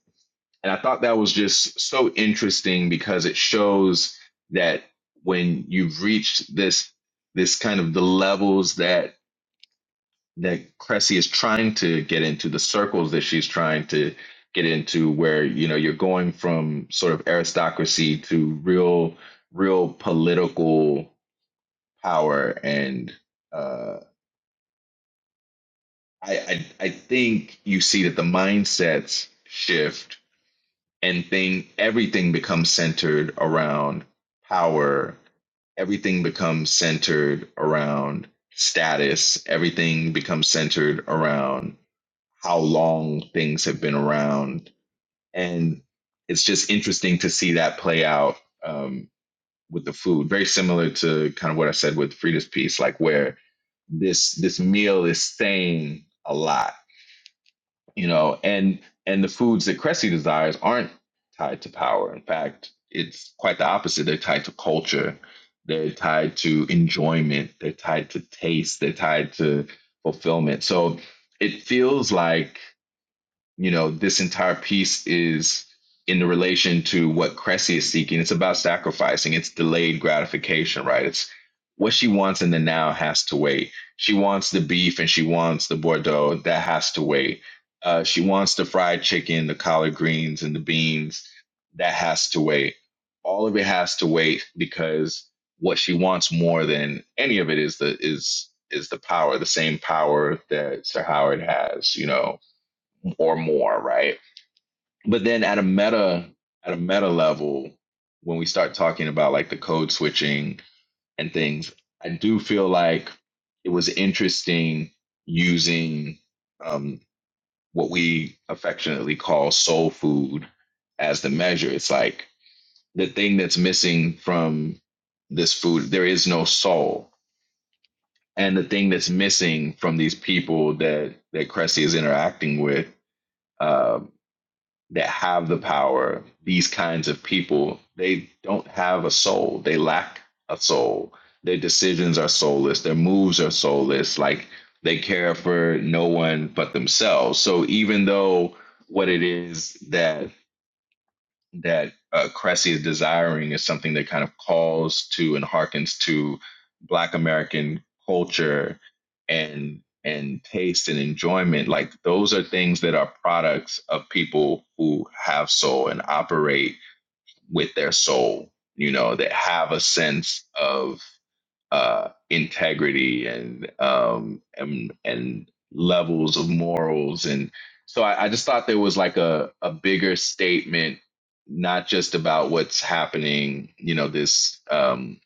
Speaker 4: and I thought that was just so interesting because it shows that when you've reached this this kind of the levels that that Cressy is trying to get into, the circles that she's trying to get into, where you know you're going from sort of aristocracy to real real political power and uh I, I I think you see that the mindsets shift and thing everything becomes centered around power everything becomes centered around status everything becomes centered around how long things have been around and it's just interesting to see that play out um, with the food very similar to kind of what i said with frida's piece like where this this meal is saying a lot you know and and the foods that cressy desires aren't tied to power in fact it's quite the opposite they're tied to culture they're tied to enjoyment they're tied to taste they're tied to fulfillment so it feels like you know, this entire piece is in the relation to what Cressy is seeking. It's about sacrificing. It's delayed gratification, right? It's what she wants in the now has to wait. She wants the beef and she wants the Bordeaux. That has to wait. Uh, she wants the fried chicken, the collard greens, and the beans. That has to wait. All of it has to wait because what she wants more than any of it is the is is the power, the same power that Sir Howard has, you know, or more, right? But then at a meta at a meta level, when we start talking about like the code switching and things, I do feel like it was interesting using um, what we affectionately call soul food as the measure. It's like the thing that's missing from this food, there is no soul. And the thing that's missing from these people that that Cressy is interacting with uh, that have the power, these kinds of people, they don't have a soul. They lack a soul. Their decisions are soulless. Their moves are soulless. Like they care for no one but themselves. So even though what it is that that uh, Cressy is desiring is something that kind of calls to and harkens to Black American culture and and taste and enjoyment. Like those are things that are products of people who have soul and operate with their soul. You know, that have a sense of uh, integrity and um, and and levels of morals and so I, I just thought there was like a, a bigger statement not just about what's happening you know this um,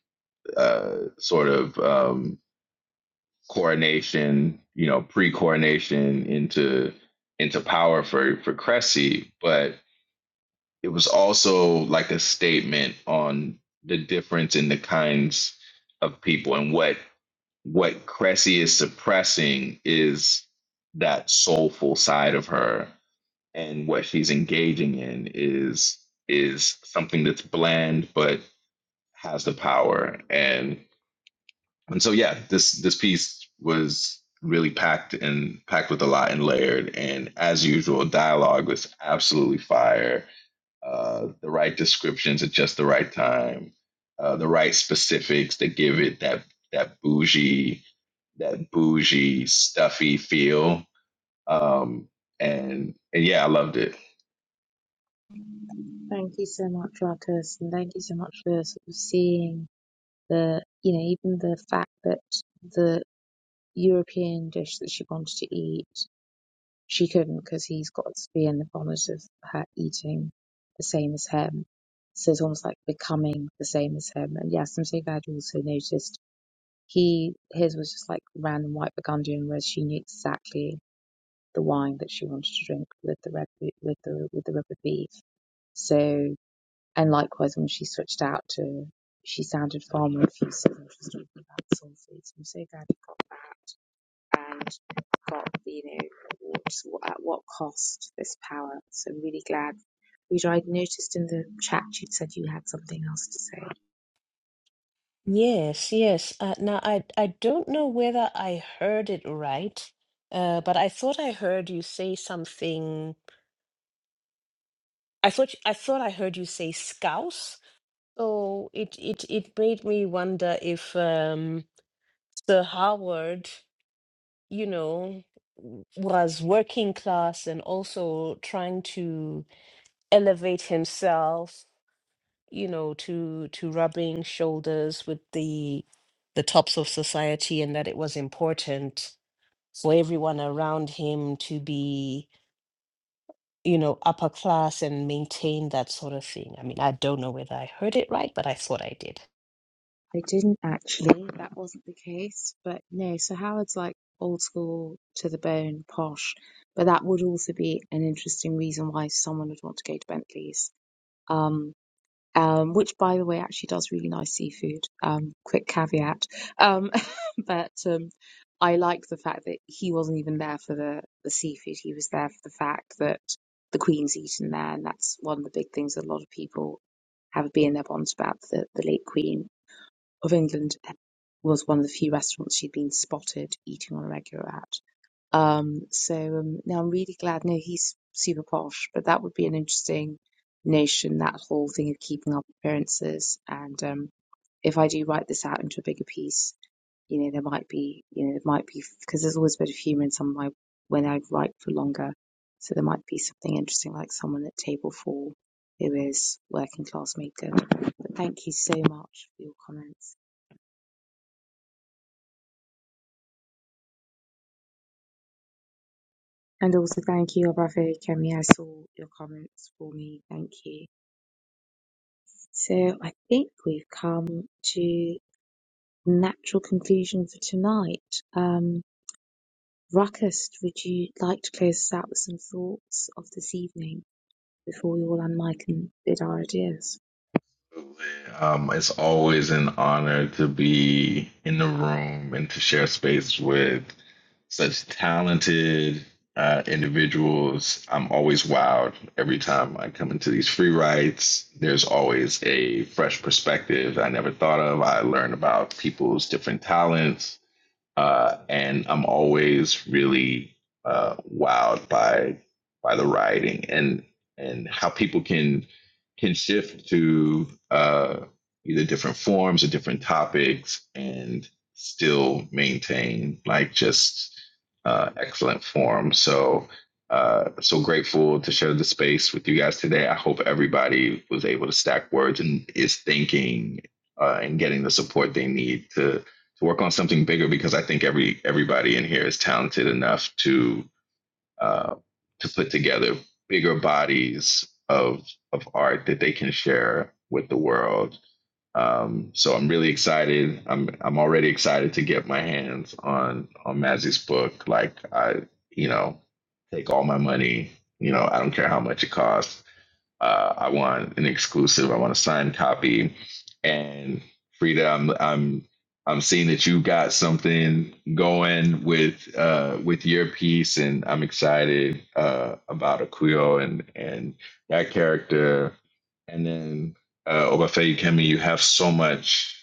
Speaker 4: uh, sort of um, coronation you know pre-coronation into into power for for Cressy but it was also like a statement on the difference in the kinds of people and what what Cressy is suppressing is that soulful side of her, and what she's engaging in is is something that's bland but has the power. And and so yeah, this this piece was really packed and packed with a lot and layered. And as usual, dialogue was absolutely fire. Uh, the right descriptions at just the right time, uh, the right specifics that give it that that bougie that bougie, stuffy feel. Um, and, and yeah, I loved it.
Speaker 1: Thank you so much, Ruckus, and thank you so much for sort of seeing the, you know, even the fact that the European dish that she wanted to eat, she couldn't because he's got to be in the bonnet of her eating the same as him. So it's almost like becoming the same as him. And yes, I'm so glad you also noticed He his was just like random white Burgundian, whereas she knew exactly the wine that she wanted to drink with the red be- with the with the rubber beef. So and likewise when she switched out to, she sounded far more effusive when she was talking about soul So I'm so glad you got that and got the, you know what, at what cost this power. So I'm really glad. Rita, I'd noticed in the chat you'd said you had something else to say.
Speaker 3: Yes, yes. Uh, now I I don't know whether I heard it right, uh, but I thought I heard you say something. I thought I thought I heard you say scouse. So it it it made me wonder if um, Sir Howard, you know, w- was working class and also trying to elevate himself you know to to rubbing shoulders with the the tops of society and that it was important for everyone around him to be you know upper class and maintain that sort of thing i mean i don't know whether i heard it right but i thought i did
Speaker 1: I didn't actually. That wasn't the case. But no, so Howard's like old school to the bone, posh. But that would also be an interesting reason why someone would want to go to Bentley's. Um, um, which, by the way, actually does really nice seafood. Um, quick caveat. Um, (laughs) but um, I like the fact that he wasn't even there for the, the seafood. He was there for the fact that the Queen's eaten there, and that's one of the big things that a lot of people have a bee in their bonds about the, the late Queen of England was one of the few restaurants she'd been spotted eating on a regular at. Um, so um, now I'm really glad. No, he's super posh, but that would be an interesting notion. That whole thing of keeping up appearances, and um, if I do write this out into a bigger piece, you know, there might be, you know, it might be because there's always a bit of humour in some of my when I write for longer. So there might be something interesting, like someone at table four who is working class maker. But thank you so much for your comments. And also thank you, Prophet Kemi. I saw your comments for me. Thank you. So I think we've come to natural conclusion for tonight. Um, Ruckus, would you like to close us out with some thoughts of this evening before we all unmic and bid our ideas?
Speaker 4: Um, it's always an honor to be in the room and to share space with such talented uh, individuals. I'm always wowed every time I come into these free rides. There's always a fresh perspective I never thought of. I learn about people's different talents uh, and I'm always really uh, wowed by by the writing and and how people can can shift to uh, either different forms or different topics and still maintain like just uh, excellent form. So uh, so grateful to share the space with you guys today. I hope everybody was able to stack words and is thinking uh, and getting the support they need to to work on something bigger because I think every everybody in here is talented enough to uh, to put together bigger bodies of of art that they can share with the world. Um, so I'm really excited. I'm I'm already excited to get my hands on on Mazzy's book. Like I, you know, take all my money. You know, I don't care how much it costs uh, I want an exclusive. I want a signed copy. And Frida, I'm I'm I'm seeing that you got something going with uh, with your piece, and I'm excited uh, about Aquio and and that character. And then uh, Obafemi Kemi, you have so much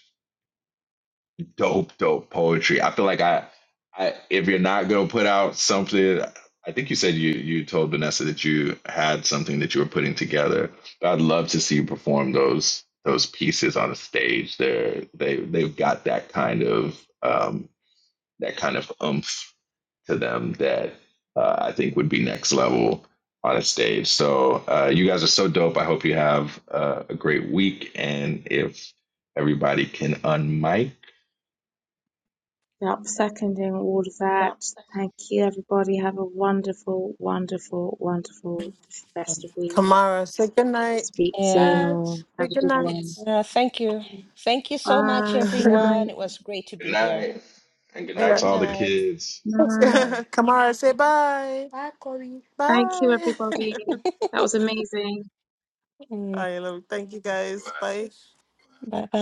Speaker 4: dope, dope poetry. I feel like I, I if you're not gonna put out something, I think you said you you told Vanessa that you had something that you were putting together. But I'd love to see you perform those those pieces on a stage. They're they they've got that kind of um that kind of oomph to them that uh, I think would be next level on a stage. So uh, you guys are so dope. I hope you have uh, a great week. And if everybody can unmic.
Speaker 1: Yep, seconding all of that.
Speaker 4: Yeah.
Speaker 1: Thank you, everybody. Have a wonderful, wonderful, wonderful rest of week.
Speaker 5: Kamara, say good night.
Speaker 1: Speak soon
Speaker 3: yeah
Speaker 5: Dad,
Speaker 1: or
Speaker 5: say
Speaker 1: have a
Speaker 5: good
Speaker 1: good
Speaker 5: night.
Speaker 1: one.
Speaker 3: yeah thank you thank you so much
Speaker 1: Bye. Good
Speaker 5: (laughs)
Speaker 1: night.
Speaker 3: everyone it was great to
Speaker 4: Good
Speaker 3: be here
Speaker 4: night. And good night
Speaker 5: Yeah.
Speaker 3: good
Speaker 4: to all the
Speaker 3: night
Speaker 4: kids.
Speaker 5: (laughs)
Speaker 1: Night.
Speaker 3: Mm.
Speaker 5: Kamara, say bye.
Speaker 1: Thank you,
Speaker 5: Bye.
Speaker 1: everybody.
Speaker 3: (laughs)
Speaker 1: That was amazing.
Speaker 5: (laughs)
Speaker 3: Mm.
Speaker 5: I love. Thank you guys. Bye.
Speaker 3: Bye-bye.